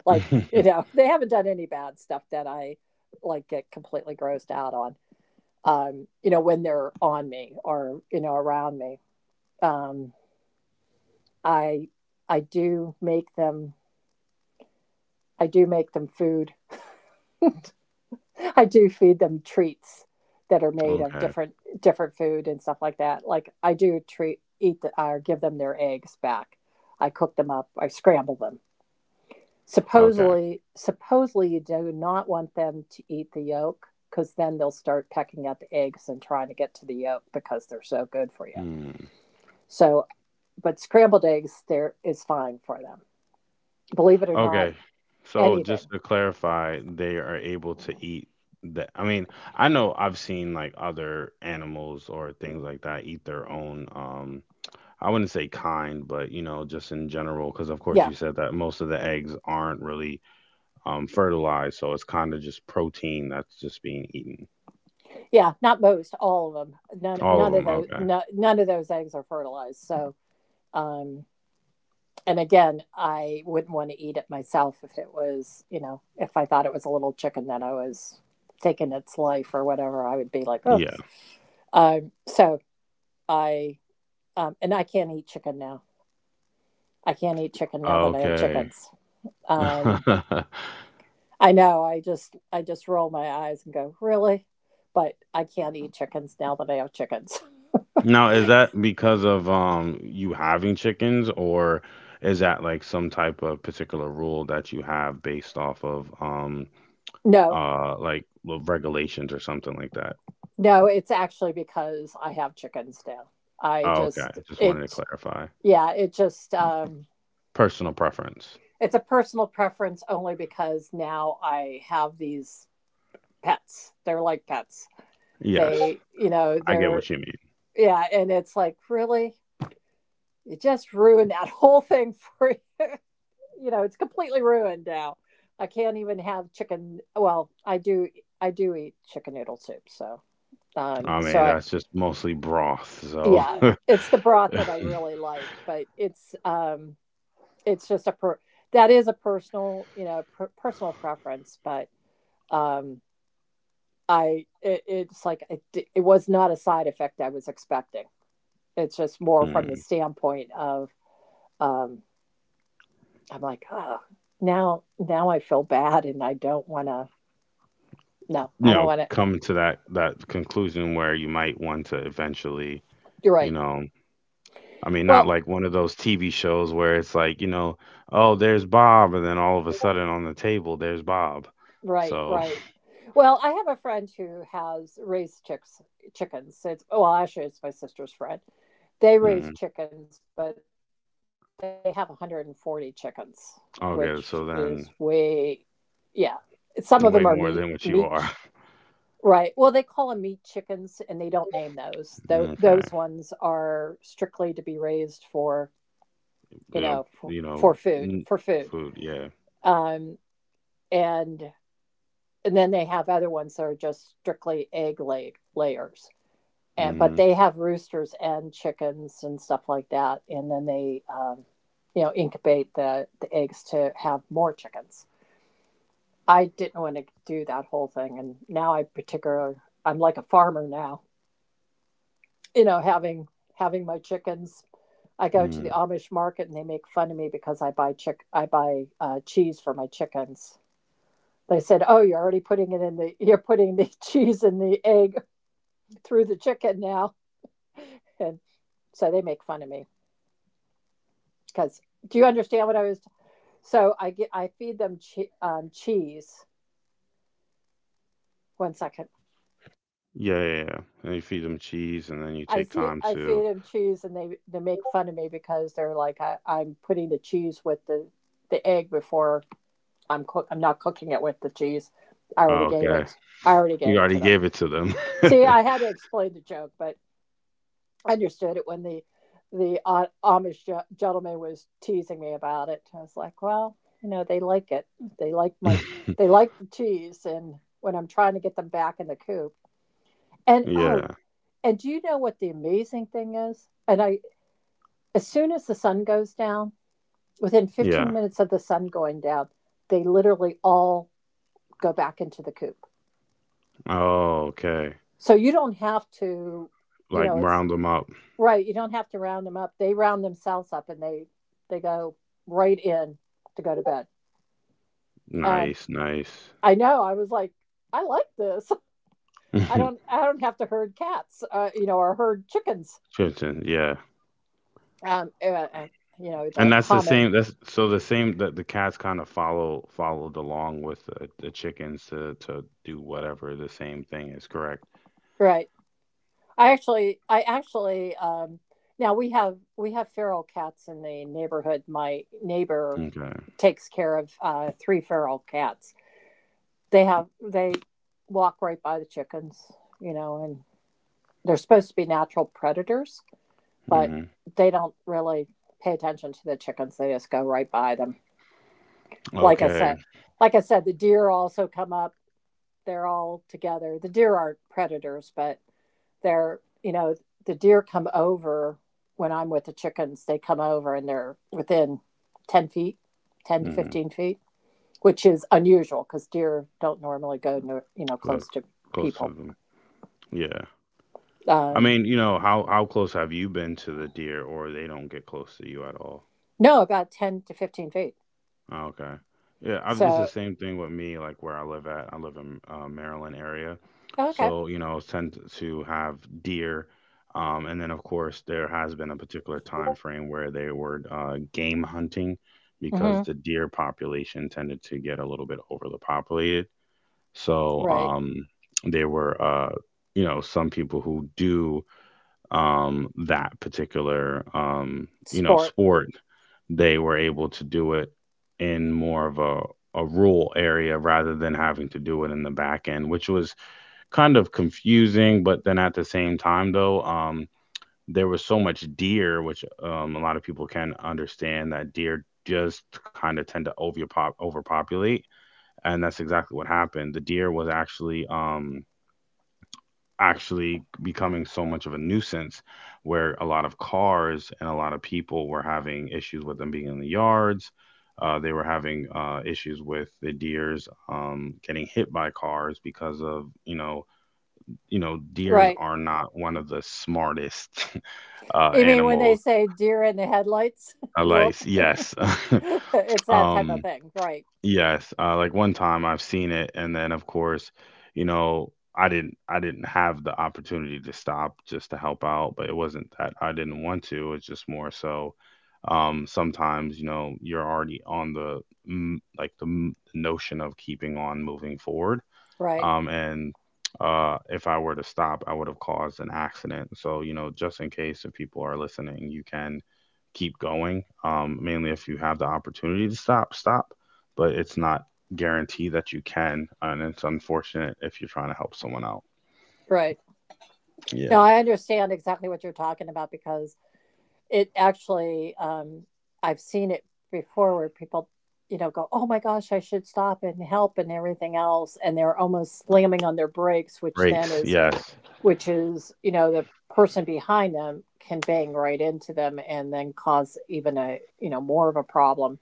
Like <laughs> you
<laughs>
know they haven't done any bad stuff that I like get completely grossed out on, you know, when they're on me or you know around me. Um, I I do make them I do make them food. <laughs> I do feed them treats that are made of
Okay.
different food and stuff like that. Like I do treat eat the, or give them their eggs back. I cook them up. I scramble them.
Okay.
Supposedly, you do not want them to eat the yolk because then they'll start pecking at the eggs and trying to get to the yolk because they're so good for you.
Mm.
So but scrambled eggs there is fine for them. Believe it or not,
Okay. So
anything.
just to clarify, they are able to eat the I mean, I know I've seen like other animals or things like that eat their own I wouldn't say kind, but you know, just in general because of course
Yeah,
you said that most of the eggs aren't really fertilized, so it's kind of just protein that's just being eaten.
yeah, not most, all of them.
All of them. Okay.
None of those eggs are fertilized. So, um, and again, I wouldn't want to eat it myself if it was, you know, if I thought it was a little chicken that I was taking its life or whatever, I would be like, oh.
Yeah.
So I, and I can't eat chicken now. I can't eat chicken now that I have
Okay.
chickens. Um,
<laughs>
I know. I just roll my eyes and go, "Really?" But I can't eat chickens now that I have chickens. <laughs>
Now, is that because of you having chickens, or is that like some type of particular rule that you have based off of
No.
like regulations or something like that?
No, it's actually because I have chickens now. I
Oh, okay.
just
Just wanted to
it
clarify.
yeah, it just
Personal preference.
it's a personal preference only because now I have these pets. They're like pets.
Yes,
They, you know,
I get
they're
what you mean.
yeah, and it's like, "Really?" You just ruined that <laughs> whole thing for, you know, it's completely ruined now. I can't even have chicken. Well, I do. I do eat chicken noodle soup. So, um,
I
so
mean,
I,
that's just mostly broth, so
yeah, it's the broth that I
<laughs>
really like, but it's, it's just a per, that is a personal, you know, per, personal preference. But um, it's like it was not a side effect I was expecting. It's just more from the
mm,
standpoint of um, I'm like, oh, now I feel bad, and I don't want to. No,
you
I don't
know,
want to.
come to that conclusion where you might want to eventually,
You're
you
right.
know, I mean, not
Well,
like one of those TV shows where it's like, you know, oh, there's Bob, and then all of a sudden on the table, there's Bob.
right,
So,
right. Well, I have a friend who has raised chickens. It's well, actually, it's my sister's friend. They
<laughs>
raise
mm,
chickens, but they have 140 chickens, which is
okay, so
way,
then
yeah. Some of them are meat,
way
meat,
more
ch-
than what you are. <laughs>
right? Well, they call them meat chickens, and they don't name those. Those
Okay.
ones are strictly to be raised for, you know,
Yeah, you
for
know,
food,
n-
for food.
food, yeah.
Um, and and then they have other ones that are just strictly egg layers. And, but
Mm-hmm.
they have roosters and chickens and stuff like that, and then they, you know, incubate the eggs to have more chickens. I didn't want to do that whole thing, and now I particular I'm like a farmer now. You know, having my chickens, I go to the
Mm.
Amish market and they make fun of me because I buy chick I buy cheese for my chickens. They said, "Oh, you're already putting it in the you're putting the <laughs> cheese in the egg through the chicken now." And so they make fun of me because do you understand what I was? So I get, I feed them cheese. One second.
Yeah, yeah, yeah. And you feed them cheese, and then you
I
take
see,
time
I
to,
feed them cheese and they make fun of me because they're like, I'm putting the cheese with the egg before I'm not cooking it with the cheese. I
oh,
already gave
okay,
it. I already gave
you
it to
already
them.
gave it to them.
See,
<laughs>
I had to explain the joke, but I understood it when the Amish gentleman was teasing me about it. I was like, well, you know, they like it. They like my they like the cheese, and when I'm trying to get them back in the coop, and oh,
Yeah,
and do you know what the amazing thing is? As soon as the sun goes down, within
yeah.
15 minutes of the sun going down, they literally all go back into the coop.
Oh, okay.
So you don't have to, you
Like
know, it's
round them up.
Right, you don't have to round them up. They round themselves up and they go right in to go to bed. And
Nice, nice.
I know I was like, I like this. <laughs>
<laughs>
I don't have to herd cats, you know, or herd chickens.
Tristan, yeah.
Um, uh, uh, you know,
And
the
that's the
common
same. That's so the same that the cats kind of followed along with the chickens to do whatever. The same thing is correct.
right. I actually now we have feral cats in the neighborhood. My neighbor
Okay.
takes care of three feral cats. They walk right by the chickens, you know, and they're supposed to be natural predators, but
Hmm.
they don't really pay attention to the chickens. They just go right by them. Like I
Okay.
said, like I said, the deer also come up. They're all together. The deer aren't predators, but they're, you know, the deer come over when I'm with the chickens. They come over and they're within 10 feet, 10 to
Hmm.
15 feet, which is unusual because deer don't normally go, near, you know,
Well,
close to
close to
people.
them. Yeah. I
Um,
mean, you know, how close have you been to the deer, or they don't get close to you at all?
no, about 10 to 15 feet.
Oh, okay. Yeah, I, it's the
So,
same thing with me. Like where I live at, I live in Maryland area,
okay.
so you know tend to have deer, and then of course there has been a particular time frame where they were game hunting because
hmm
the deer population tended to get a little bit overly populated. So
Right.
there were, you know, some people who do that particular you know
Sport.
sport, they were able to do it in more of a rural area rather than having to do it in the back end, which was kind of confusing. But then at the same time, though, there was so much deer, which a lot of people can understand that deer just kind of tend to overpopulate, and that's exactly what happened. The deer was actually actually becoming so much of a nuisance where a lot of cars and a lot of people were having issues with them being in the yards. They were having issues with the deers getting hit by cars because of you know deers
Right.
are not one of the smartest <laughs>
You mean when they
animals.
say deer in the headlights? <laughs>
Like
Look,
yes,
<laughs> it's
<laughs>
that type of
um,
thing. Right.
Yes, like one time I've seen it, and then of course, you know, I didn't have the opportunity to stop just to help out, but it wasn't that I didn't want to. It's just more so sometimes, you know, you're already on the mm, like the notion of keeping on moving forward
Right.
and if I were to stop, I would have caused an accident. So you know, just in case if people are listening, you can keep going. Mainly if you have the opportunity to stop, stop, but it's not guaranteed that you can, and it's unfortunate if you're trying to help someone out.
Right.
Yeah,
No, I understand exactly what you're talking about because it actually, I've seen it before where people, you know, go, oh my gosh, I should stop and help and everything else. And they're almost slamming on their brakes,
brakes. Yes.
which is, you know, the person behind them can bang right into them and then cause even a more of a problem.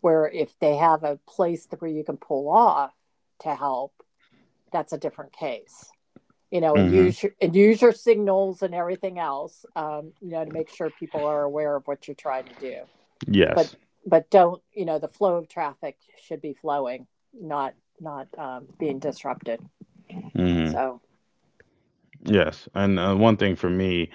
Where if they have a place where you can pull off to help, that's a different case. You know, and
Mm-hmm.
use your, and use your signals and everything else. To make sure people are aware of what you're trying to do. But
Yes.
but don't the flow of traffic should be flowing, not not being disrupted.
Mm.
So
Yes, and one thing for me,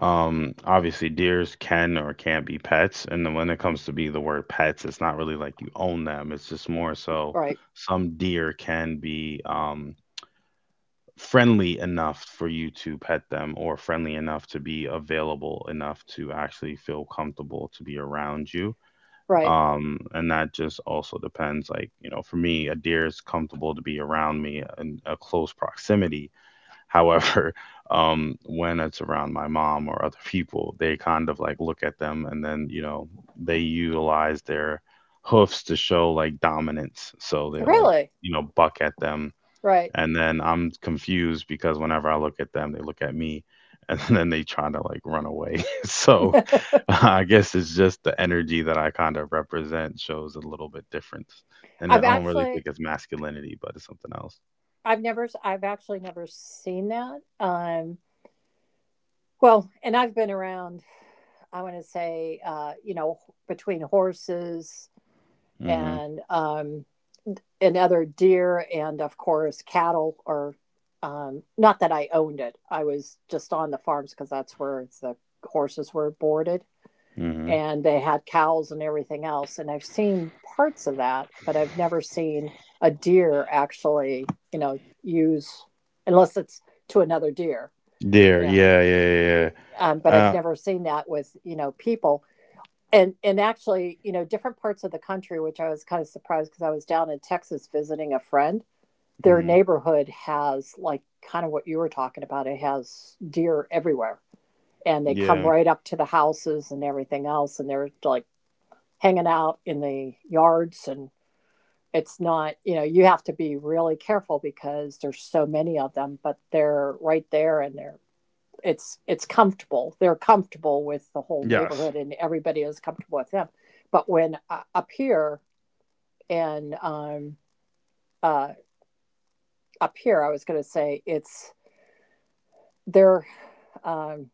obviously deers can or can't be pets, and then when it comes to be the word pets, it's not really like you own them. It's just more so
right,
some deer can be friendly enough for you to pet them, or friendly enough to be available enough to actually feel comfortable to be around you.
right,
And that just also depends. Like you know, for me, a deer is comfortable to be around me in a close proximity. However, <laughs> when it's around my mom or other people, they kind of like look at them and then, you know, they utilize their hoofs to show like dominance. So they're like,
really,
you know, buck at them.
right.
And then I'm confused because whenever I look at them, they look at me and <laughs> then they try to like run away. <laughs> So <laughs> I guess it's just the energy that I kind of represent shows a little bit different. And
I've
I don't really
actually
think it's masculinity, but it's something else.
I've actually never seen that. Well, and I've been around, I want to say, between horses
Mm-hmm.
and, and other deer, and of course cattle. Or, not that I owned it. I was just on the farms because that's where it's the horses were boarded,
Mm-hmm.
and they had cows and everything else. And I've seen parts of that, but I've never seen a deer actually, use, unless it's to another deer,
There,
you know.
yeah, yeah, yeah.
But
Yeah.
I've never seen that with people. And actually, different parts of the country, which I was kind of surprised, because I was down in Texas visiting a friend. Their
Mm.
neighborhood has, like, kind of what you were talking about. It has deer everywhere, and they come
Yeah.
right up to the houses and everything else, and they're like hanging out in the yards. And it's not, you have to be really careful because there's so many of them, but they're right there, and they're it's comfortable. They're comfortable with the whole
Yes.
neighborhood, and everybody is comfortable with them. But when up here and uh, up here, I was going to say it's they're um,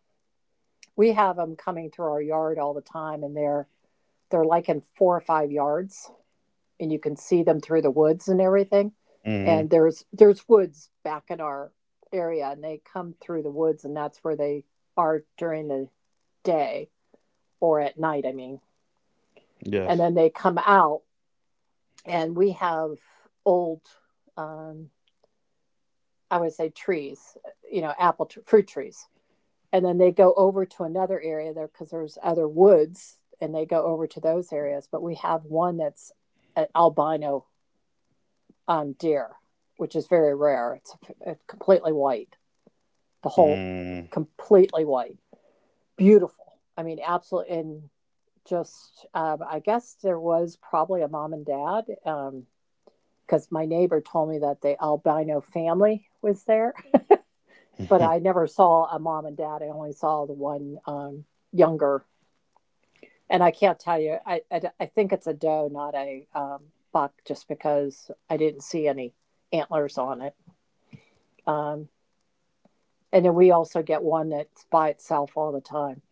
we have them coming through our yard all the time, and they're like in four or five yards, and you can see them through the woods and everything.
Hmm.
And there's woods back in our area, and they come through the woods, and that's where they are during the day or at night. I mean, and
Yes.
then they come out, and we have old, um, I would say, trees, apple fruit trees, and then they go over to another area there because there's other woods, and they go over to those areas. But we have one that's an albino, deer, which is very rare. It's completely white. The whole
Mm.
Completely white. Beautiful, I mean, absolutely. And just, I guess there was probably a mom and dad, because my neighbor told me that the albino family was there, but I
<laughs>
never saw a mom and dad. I only saw the one, younger, and I can't tell you. I think it's a doe, not a, buck, just because I didn't see any antlers on it. Um, and then we also get one that's by itself all the time,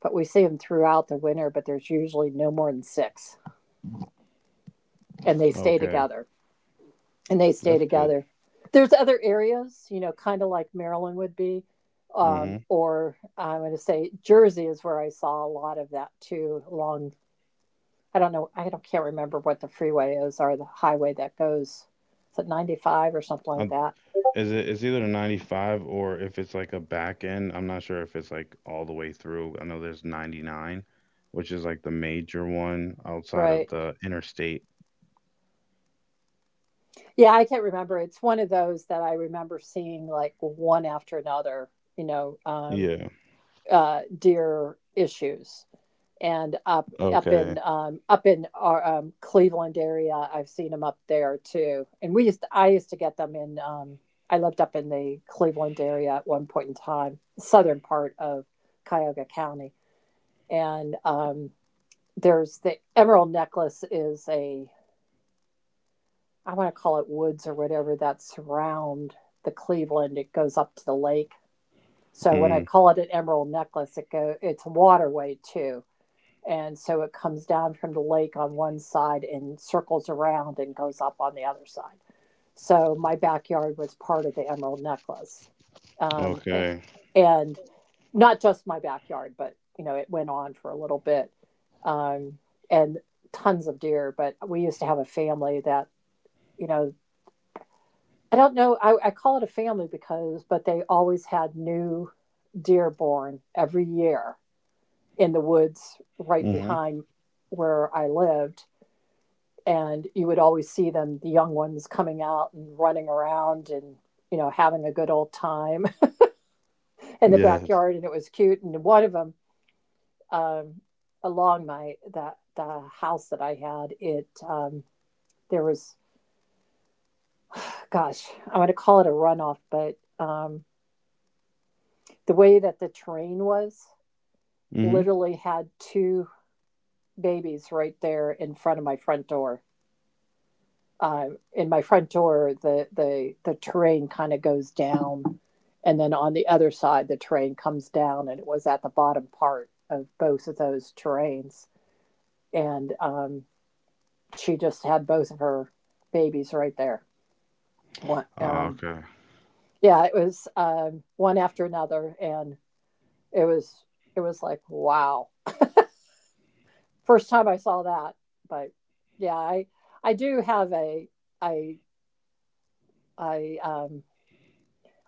but we see them throughout the winter. But there's usually no more than six, and they stay
Okay.
together. And they stay
That's good.
together. There's other areas, you know, kind of like Maryland would be,
Hmm.
or I'm going to say Jersey is where I saw a lot of that too. Along, I don't know, I don't can't remember what the freeway is, or the highway that goes. Is it 95 or something like
Um,
that?
is it? It's either 95 or if it's like a back end, I'm not sure if it's like all the way through. I know there's 99, which is like the major one outside of
Right.
the interstate.
Yeah, I can't remember. It's one of those that I remember seeing like one after another, you know, um,
Yeah.
deer issues, and up up in
Okay.
um, up in our um, Cleveland area. I've seen them up there too. And I used to get them in. I lived up in the Cleveland area at one point in time, southern part of Cuyahoga County. And, there's the Emerald Necklace, is a, I want to call it woods or whatever, that surround the Cleveland. It goes up to the lake. So when I
Mm.
call it an Emerald Necklace, it's a waterway too. And so it comes down from the lake on one side and circles around and goes up on the other side. So my backyard was part of the Emerald Necklace. Um,
Okay.
and not just my backyard, but, you know, it went on for a little bit. Um, and tons of deer. But we used to have a family that, you know, I don't know, I call it a family because, but they always had new deer born every year in the woods right
Hmm.
behind where I lived, and you would always see them, the young ones coming out and running around, and having a good old time <laughs> in the
Yes.
backyard. And it was cute. And one of them, um, along my that the house that I had it, there was, gosh, I want to call it a runoff, but, the way that the terrain was,
Hmm.
literally had two babies right there in front of my front door, the terrain kind of goes down, and then on the other side, the terrain comes down, and it was at the bottom part of both of those terrains, and, she just had both of her babies right there. One,
Okay.
yeah, it was, one after another, and it was it was like, wow, first time I saw that. But yeah, I do have a I I um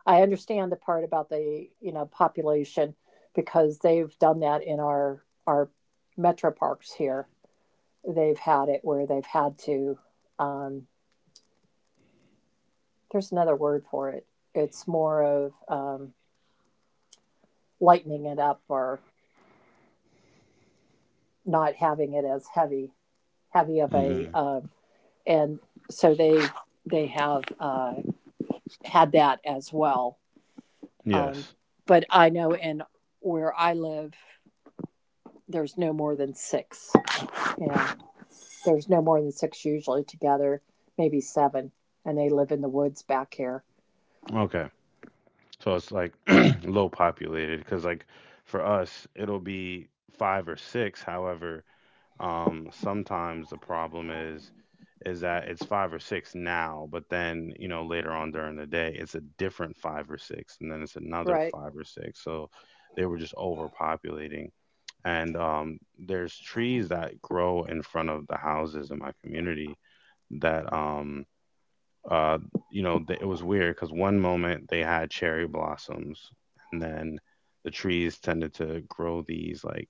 I understand the part about the, population, because they've done that in our metro parks here. They've had it where they've had to. Um, there's another word for it. It's more of, lightening it up, or not having it as heavy of a,
Mm.
and so they have, had that as well. Um,
Yes.
but I know in where I live, there's no more than six. Yeah. There's no more than six usually together, maybe seven, and they live in the woods back here.
Okay. So it's like <clears throat> low populated because like for us it'll be five or six. However, sometimes the problem is that it's five or six now, but then you know later on during the day it's a different five or six, and then it's another
Right,
five or six. So they were just overpopulating. And there's trees that grow in front of the houses in my community that uh, you know, it was weird because one moment they had cherry blossoms, and then the trees tended to grow these like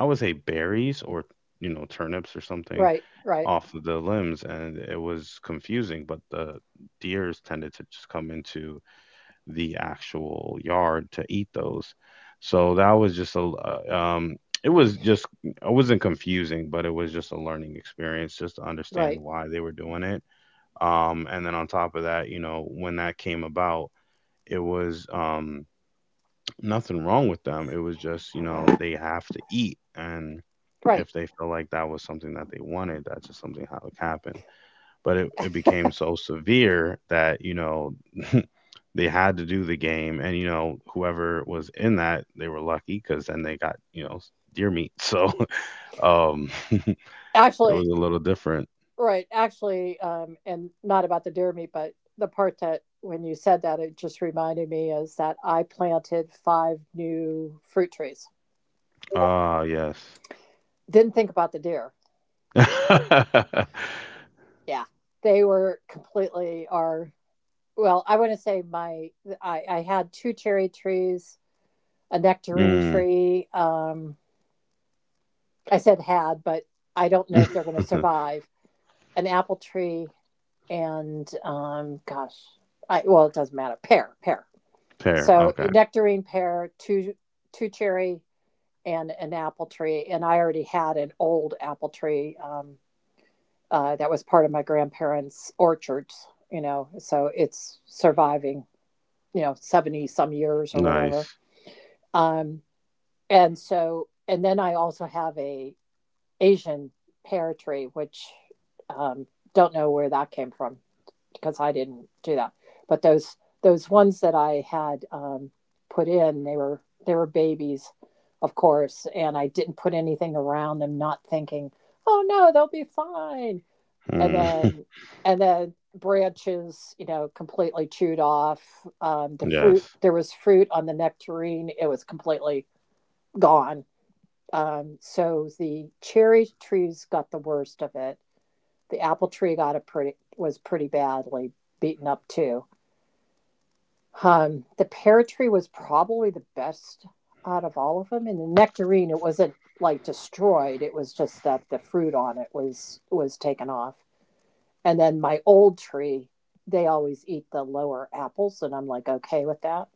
I would say berries or you know turnips or something
right, right,
off of the limbs, and it was confusing. But the deers tended to just come into the actual yard to eat those. So that was just a uh, um, it was just it wasn't confusing, but it was just a learning experience just to understand
right,
why they were doing it and then on top of that, you know, when that came about, it was <tsk> nothing wrong with them. It was just, you know, they have to eat. And
right.
if they feel like that was something that they wanted, that's just something how it happened. But it became so severe that, you know, <laughs> they had to do the game. And, you know, whoever was in that, they were lucky because then they got, you know, deer meat. So <laughs> <laughs> it was
Actually,
a little different.
right, actually, and not about the deer meat, but the part, that when you said that, it just reminded me is that I planted five new fruit trees.
Ah, yes.
Didn't think about the deer.
<laughs>
Yeah. They were completely our, well, I want to say my, I had two cherry trees, a nectarine
Mm.
tree, I said had, but I don't know if they're going to
<laughs>
survive. An apple tree, and, gosh, I, well, it doesn't matter. Pear, pear.
Pear.
So
Okay.
nectarine, pear, two cherry, and an apple tree. And I already had an old apple tree, that was part of my grandparents' orchards. You know, so it's surviving. 70 some years or whatever.
Nice.
Um, and then I also have a Asian pear tree, which, um, don't know where that came from, because I didn't do that. But those ones that I had, put in, they were babies, of course, and I didn't put anything around them, not thinking, oh no, they'll be fine. And
Mm.
then
<laughs>
and then branches, completely chewed off.
Yes.
There was fruit on the nectarine; it was completely gone, so the cherry trees got the worst of it. The apple tree got a pretty was pretty badly beaten up too. The pear tree was probably the best out of all of them, and the nectarine, it wasn't like destroyed. It was just that the fruit on it was taken off. And then my old tree, they always eat the lower apples, and I'm like, okay with that.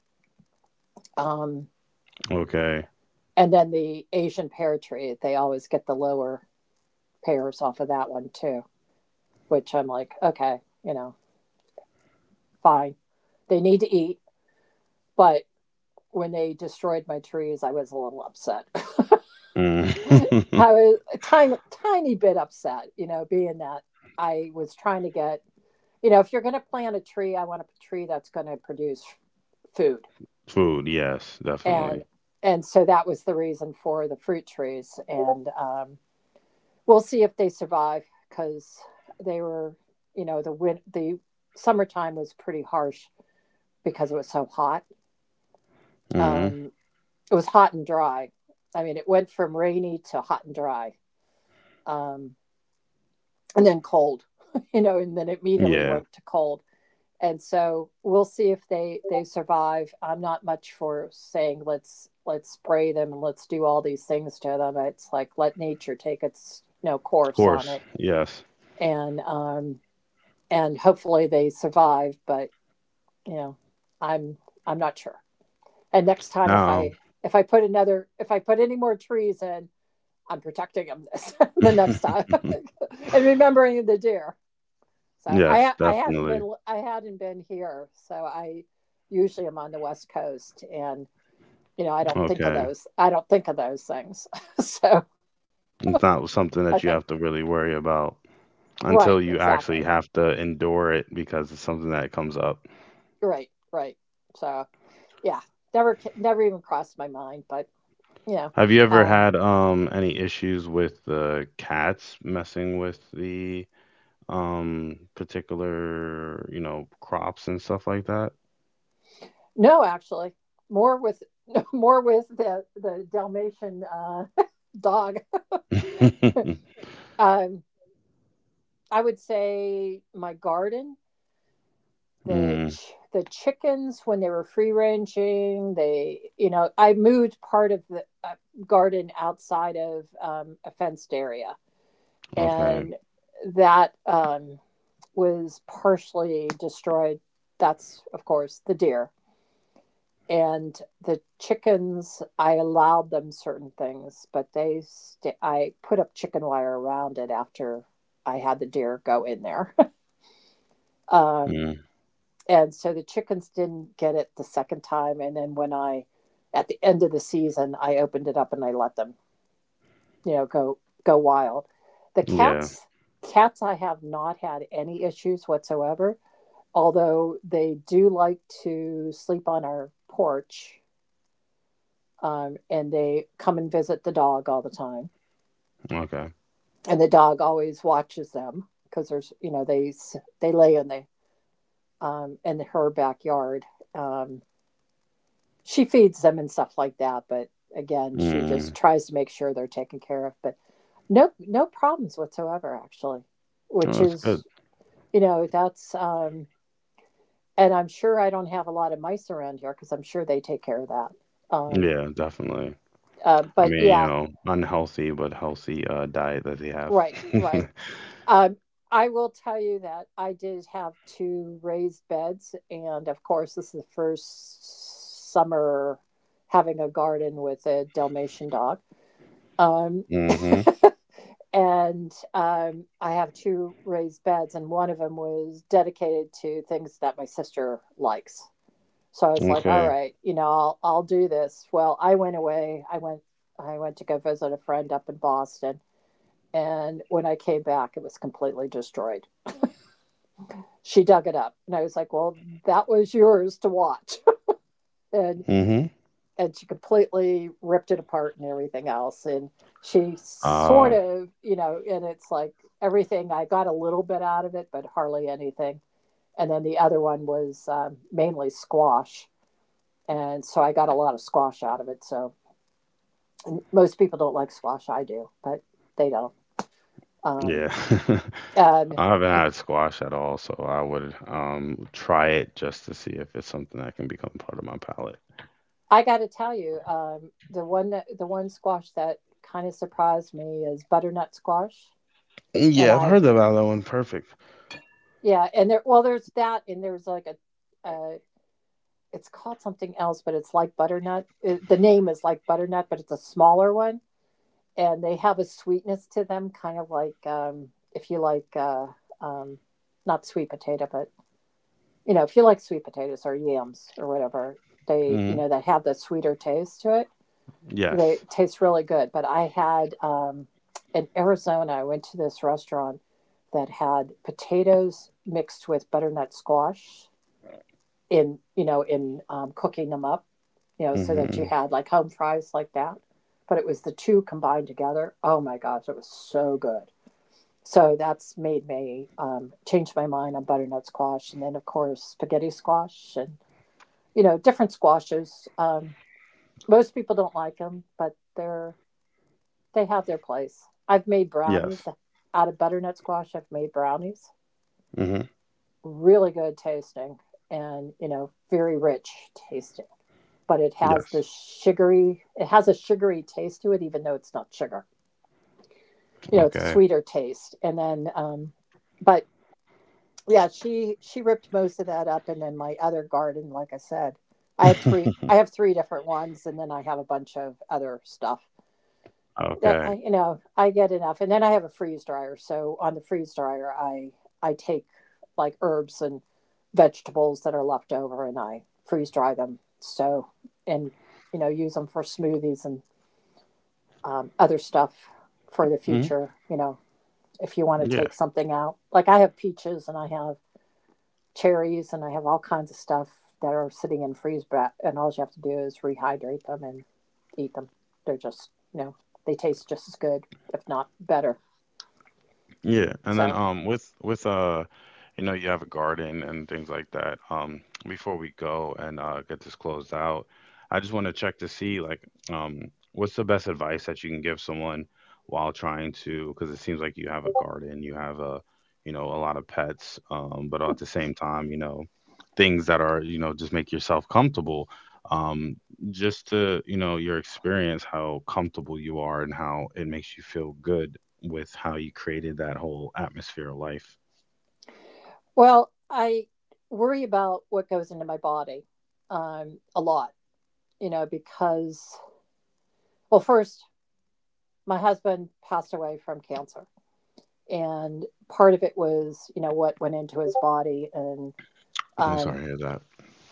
Um,
Okay.
and then the Asian pear tree, they always get the lower pears off of that one too. Which I'm like, okay, you know, fine. They need to eat, but when they destroyed my trees, I was a little upset.
Mm.
<laughs> I was a tiny, tiny bit upset, being that I was trying to get, if you're going to plant a tree, I want a tree that's going to produce food,
<laughs> Food. Yes. Definitely.
and and so that was the reason for the fruit trees. And, we'll see if they survive, because they were, you know, the win the summertime was pretty harsh because it was so hot.
Hmm.
um, it was hot and dry. I mean, it went from rainy to hot and dry, um, and then cold, <laughs> and then immediately
Yeah. Of
went to cold. And so we'll see if they survive. I'm not much for saying, let's spray them, and let's do all these things to them. It's like, let nature take its, course on
course.
it,
Yes.
and, and hopefully they survive. But, you know, I'm I'm not sure. And next time, if
Now.
I if I put another if I put any more trees in, I'm protecting him this <laughs> the next time
<laughs>
<laughs> and remembering the deer. So
Yes.
I I hadn't
Definitely.
been I hadn't been here. So I usually am on the West Coast, and I don't think of
Okay.
those I don't think of those things. <laughs> So
It's
I
not
think.
something that you have to really worry about
Right,
until you
exactly.
actually have to endure it because it's something that comes up.
Right, right. So yeah, never even crossed my mind. But yeah,
Have you ever
um,
had any issues with the cats messing with the particular you know crops and stuff like that?
no, actually more with <laughs> more with the Dalmatian <laughs> dog.
<laughs>
Um, I would say my garden, the
Mm,
ch- the chickens when they were free ranging, they I moved part of the garden outside of a fenced area,
okay.
and that was partially destroyed. That's of course the deer and the chickens. I allowed them certain things, but they sta I put up chicken wire around it after I had the deer go in there. <laughs> um,
Mm,
And so the chickens didn't get it the second time. And then when I, at the end of the season, I opened it up and I let them, you know, go go wild. The
yeah.
cats, cats, I have not had any issues whatsoever. Although they do like to sleep on our porch, and they come and visit the dog all the time,
Okay.
and the dog always watches them because there's, you know, they lay in the in her backyard. Um, she feeds them and stuff like that, but again she
Mm,
just tries to make sure they're taken care of, but no no problems whatsoever actually, which
oh, that's good.
is, you know, that's. And I'm sure I don't have a lot of mice around here because I'm sure they take care of that um
Yeah, definitely. I
but
mean you
yeah.
know unhealthy but healthy diet that they have.
Right,
<laughs>
right. um I will tell you that I did have two raised beds, and of course this is the first summer having a garden with a Dalmatian dog um
Mm-hmm.
and um, I have two raised beds, and one of them was dedicated to things that my sister likes. So I was like, "All
Okay.
right, you know, I'll do this." Well, I went away. I went to go visit a friend up in Boston, and when I came back, it was completely destroyed. She dug it up, and I was like, "Well, that was yours to watch." <laughs> and
Mm-hmm.
and she completely ripped it apart and everything else, and she
Ah,
sort of, you know, and it's like everything, I got a little bit out of it but hardly anything. And then the other one was mainly squash, and so I got a lot of squash out of it. So, and most people don't like squash, I do, but they don't. um,
yeah. <laughs>
um,
I haven't had squash at all so I would try it just to see if it's something that can become part of my palate.
I got to tell you, the one that, the one squash that kind of surprised me is butternut squash. and
Yeah, I've
i
heard about that one. Perfect.
yeah, and there, well, there's that, and there's like a it's called something else, but it's like butternut. It, the name is like butternut but it's a smaller one, and they have a sweetness to them, kind of like, if you like, um not sweet potato, but you know, if you like sweet potatoes or yams or whatever, they, you know, that have the sweeter taste to it. They
Yes.
taste really good, but I had in Arizona I went to this restaurant that had potatoes mixed with butternut squash in, you know, in cooking them up, you know, so that you
Mhm.
had like home fries like that, but it was the two combined together, oh my gosh, it was so good. So that's made me change my mind on butternut squash, and then of course spaghetti squash, and you know, different squashes. Most people don't like them, but they're, they have their place. I've made brownies
Yes.
out of butternut squash. I've made brownies,
Mhm.
really good tasting, and you know, very rich tasting, but it has the
Yes.
sugary, it has a sugary taste to it, even though it's not sugar, you know. It's a
Okay.
sweeter taste. And then. But yeah, she ripped most of that up. And then my other garden, like I said,
<laughs> Mhm.
I have three different ones, and then I have a bunch of other stuff that
Okay.
I, you know, I get enough. And then I have a freeze dryer, so on the freeze dryer I take like herbs and vegetables that are left over, and I freeze dry them. So, and you know, use them for smoothies and other stuff for the
Hmm.
future. You know, if you want to
Yeah.
take something out, like I have peaches and I have cherries and I have all kinds of stuff that are sitting in freeze back, and all you have to do is rehydrate them and eat them. They're just, you know, they taste just as good, if not better.
Yeah, and then
So,
with with you know you have a garden and things like that. Before we go and get this closed out, I just want to check to see like what's the best advice that you can give someone while trying to because it seems like you have a garden, you have a you know a lot of pets, but at the same time, you know, things that are, you know, just make yourself comfortable. Um just to, you know, your experience, how comfortable you are and how it makes you feel good with how you created that whole atmosphere of life.
well, I worry about what goes into my body a lot, you know, because, well, first, my husband passed away from cancer, and part of it was, you know, what went into his body
I'm
um
sorry to hear that.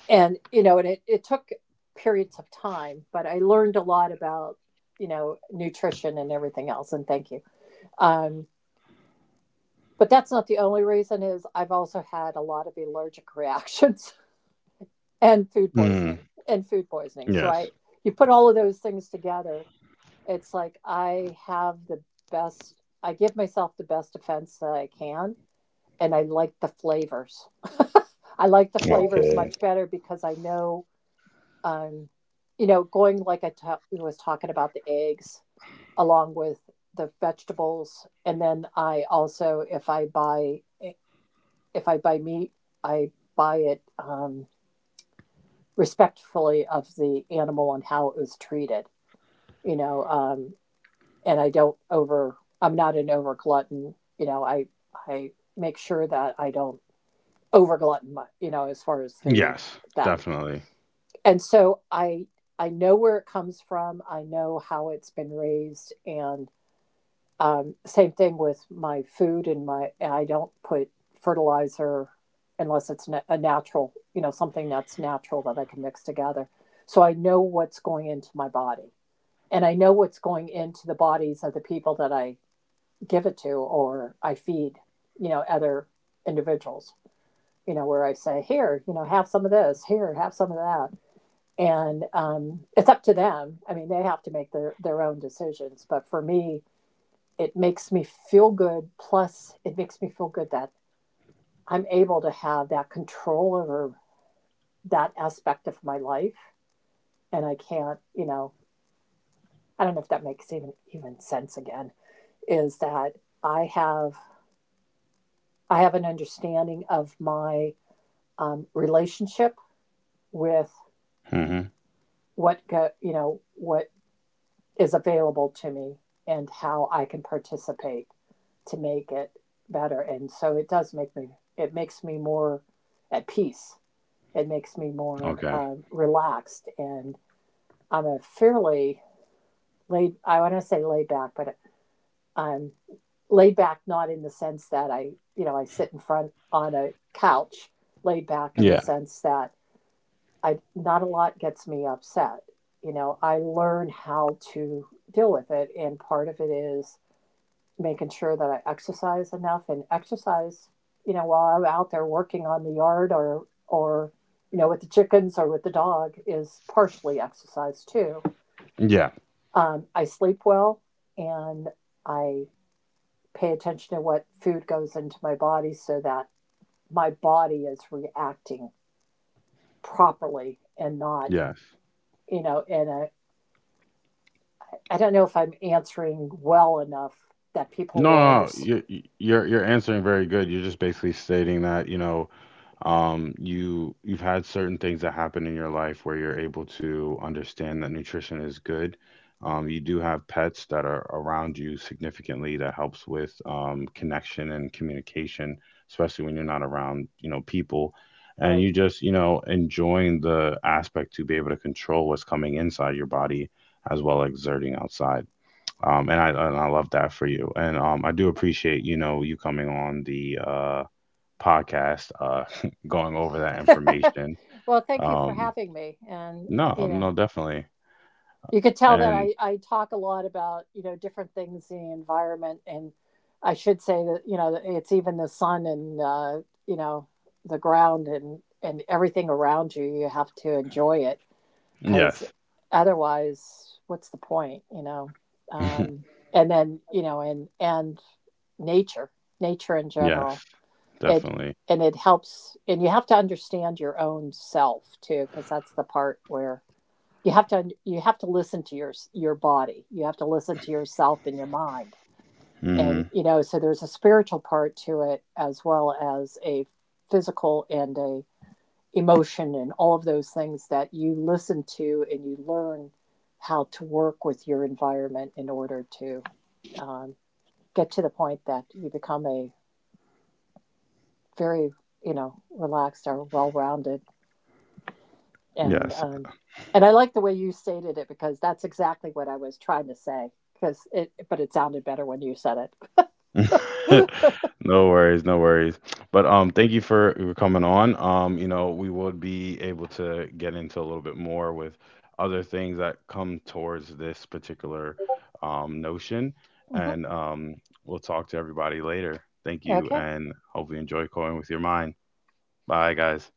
and you know, and it took periods of time, but I learned a lot about, you know, nutrition and everything else. And thank you. um but that's not the only reason. Is, I've also had a lot of allergic reactions <laughs> and food
Mm,
poisoning, so I,
yes.
you put all of those things together, it's like I have the best, I give myself the best defense that I can. And I like the flavors. I like the flavors
Okay.
much better because I know, um, you know, going, like I was talking about the eggs along with the vegetables. And then I also, if I buy if I buy meat, I buy it respectfully of the animal and how it was treated, you know. And I don't over. I'm not an over glutton, you know. I make sure that I don't over glutton, you know, as far as the
Yes,
that,
definitely.
and so I know where it comes from, I know how it's been raised. And same thing with my food, and my, I don't put fertilizer unless it's a natural, you know, something that's natural that I can mix together. So I know what's going into my body, and I know what's going into the bodies of the people that I give it to, or I feed, you know, other individuals, you know, where I say, here, you know, have some of this, here, have some of that. And it's up to them. I mean, they have to make their own decisions. But for me, it makes me feel good. Plus, it makes me feel good that I'm able to have that control over that aspect of my life. And I can't, you know, I don't know if that makes even sense. Again, is that I have I have an understanding of my relationship with
Hmm.
what go, you know, what is available to me and how I can participate to make it better. And so it does make me, it makes me more at peace. It makes me more
Okay.
relaxed. And I'm a fairly laid, I want to say laid back, but I'm laid back not in the sense that I, you know, I sit in front on a couch, laid back in the
Yeah.
sense that I, not a lot gets me upset. You know, I learn how to deal with it. And part of it is making sure that I exercise enough, and exercise, you know, while I'm out there working on the yard, or you know, with the chickens or with the dog, is partially exercise too.
Yeah.
I sleep well, and I pay attention to what food goes into my body, so that my body is reacting properly, and not,
Yes.
you know, in a. I don't know if I'm answering well enough that people
No,
will
no, no.
understand.
You're answering very good. You're just basically stating that you know you you've had certain things that happen in your life where you're able to understand that nutrition is good. You do have pets that are around you significantly that helps with connection and communication, especially when you're not around you know people, and
Right.
you just you know enjoying the aspect to be able to control what's coming inside your body, as well as exerting outside. And I and I love that for you and I do appreciate you know you coming on the podcast, <laughs> going over that
<laughs>
information.
Well, thank you for
Um,
having me. And,
no,
you
no,
know,
definitely.
you could tell that
And
I talk a lot about, you know, different things in the environment. And I should say that, you know, it's even the sun and, you know, the ground and everything around you. You have to enjoy it because
yes,
otherwise, what's the point, you know? Um,
<laughs>
and then, you know, and nature, nature in general.
yes,
It,
definitely.
and it helps. And you have to understand your own self too, because that's the part where you have to listen to your body. You have to listen to yourself and your mind.
Hmm.
And you know, so there's a spiritual part to it, as well as a physical and a emotion, and all of those things that you listen to, and you learn how to work with your environment in order to um, get to the point that you become a very, you know, relaxed or well-rounded. And
Yes.
and I like the way you stated it, because that's exactly what I was trying to say. Because it, but it sounded better when you said it.
<laughs> No worries, no worries. But thank you for coming on. You know, we would be able to get into a little bit more with other things that come towards this particular notion,
Hmm.
and we'll talk to everybody later. Thank you,
Okay.
and hopefully enjoy going with your mind. Bye, guys.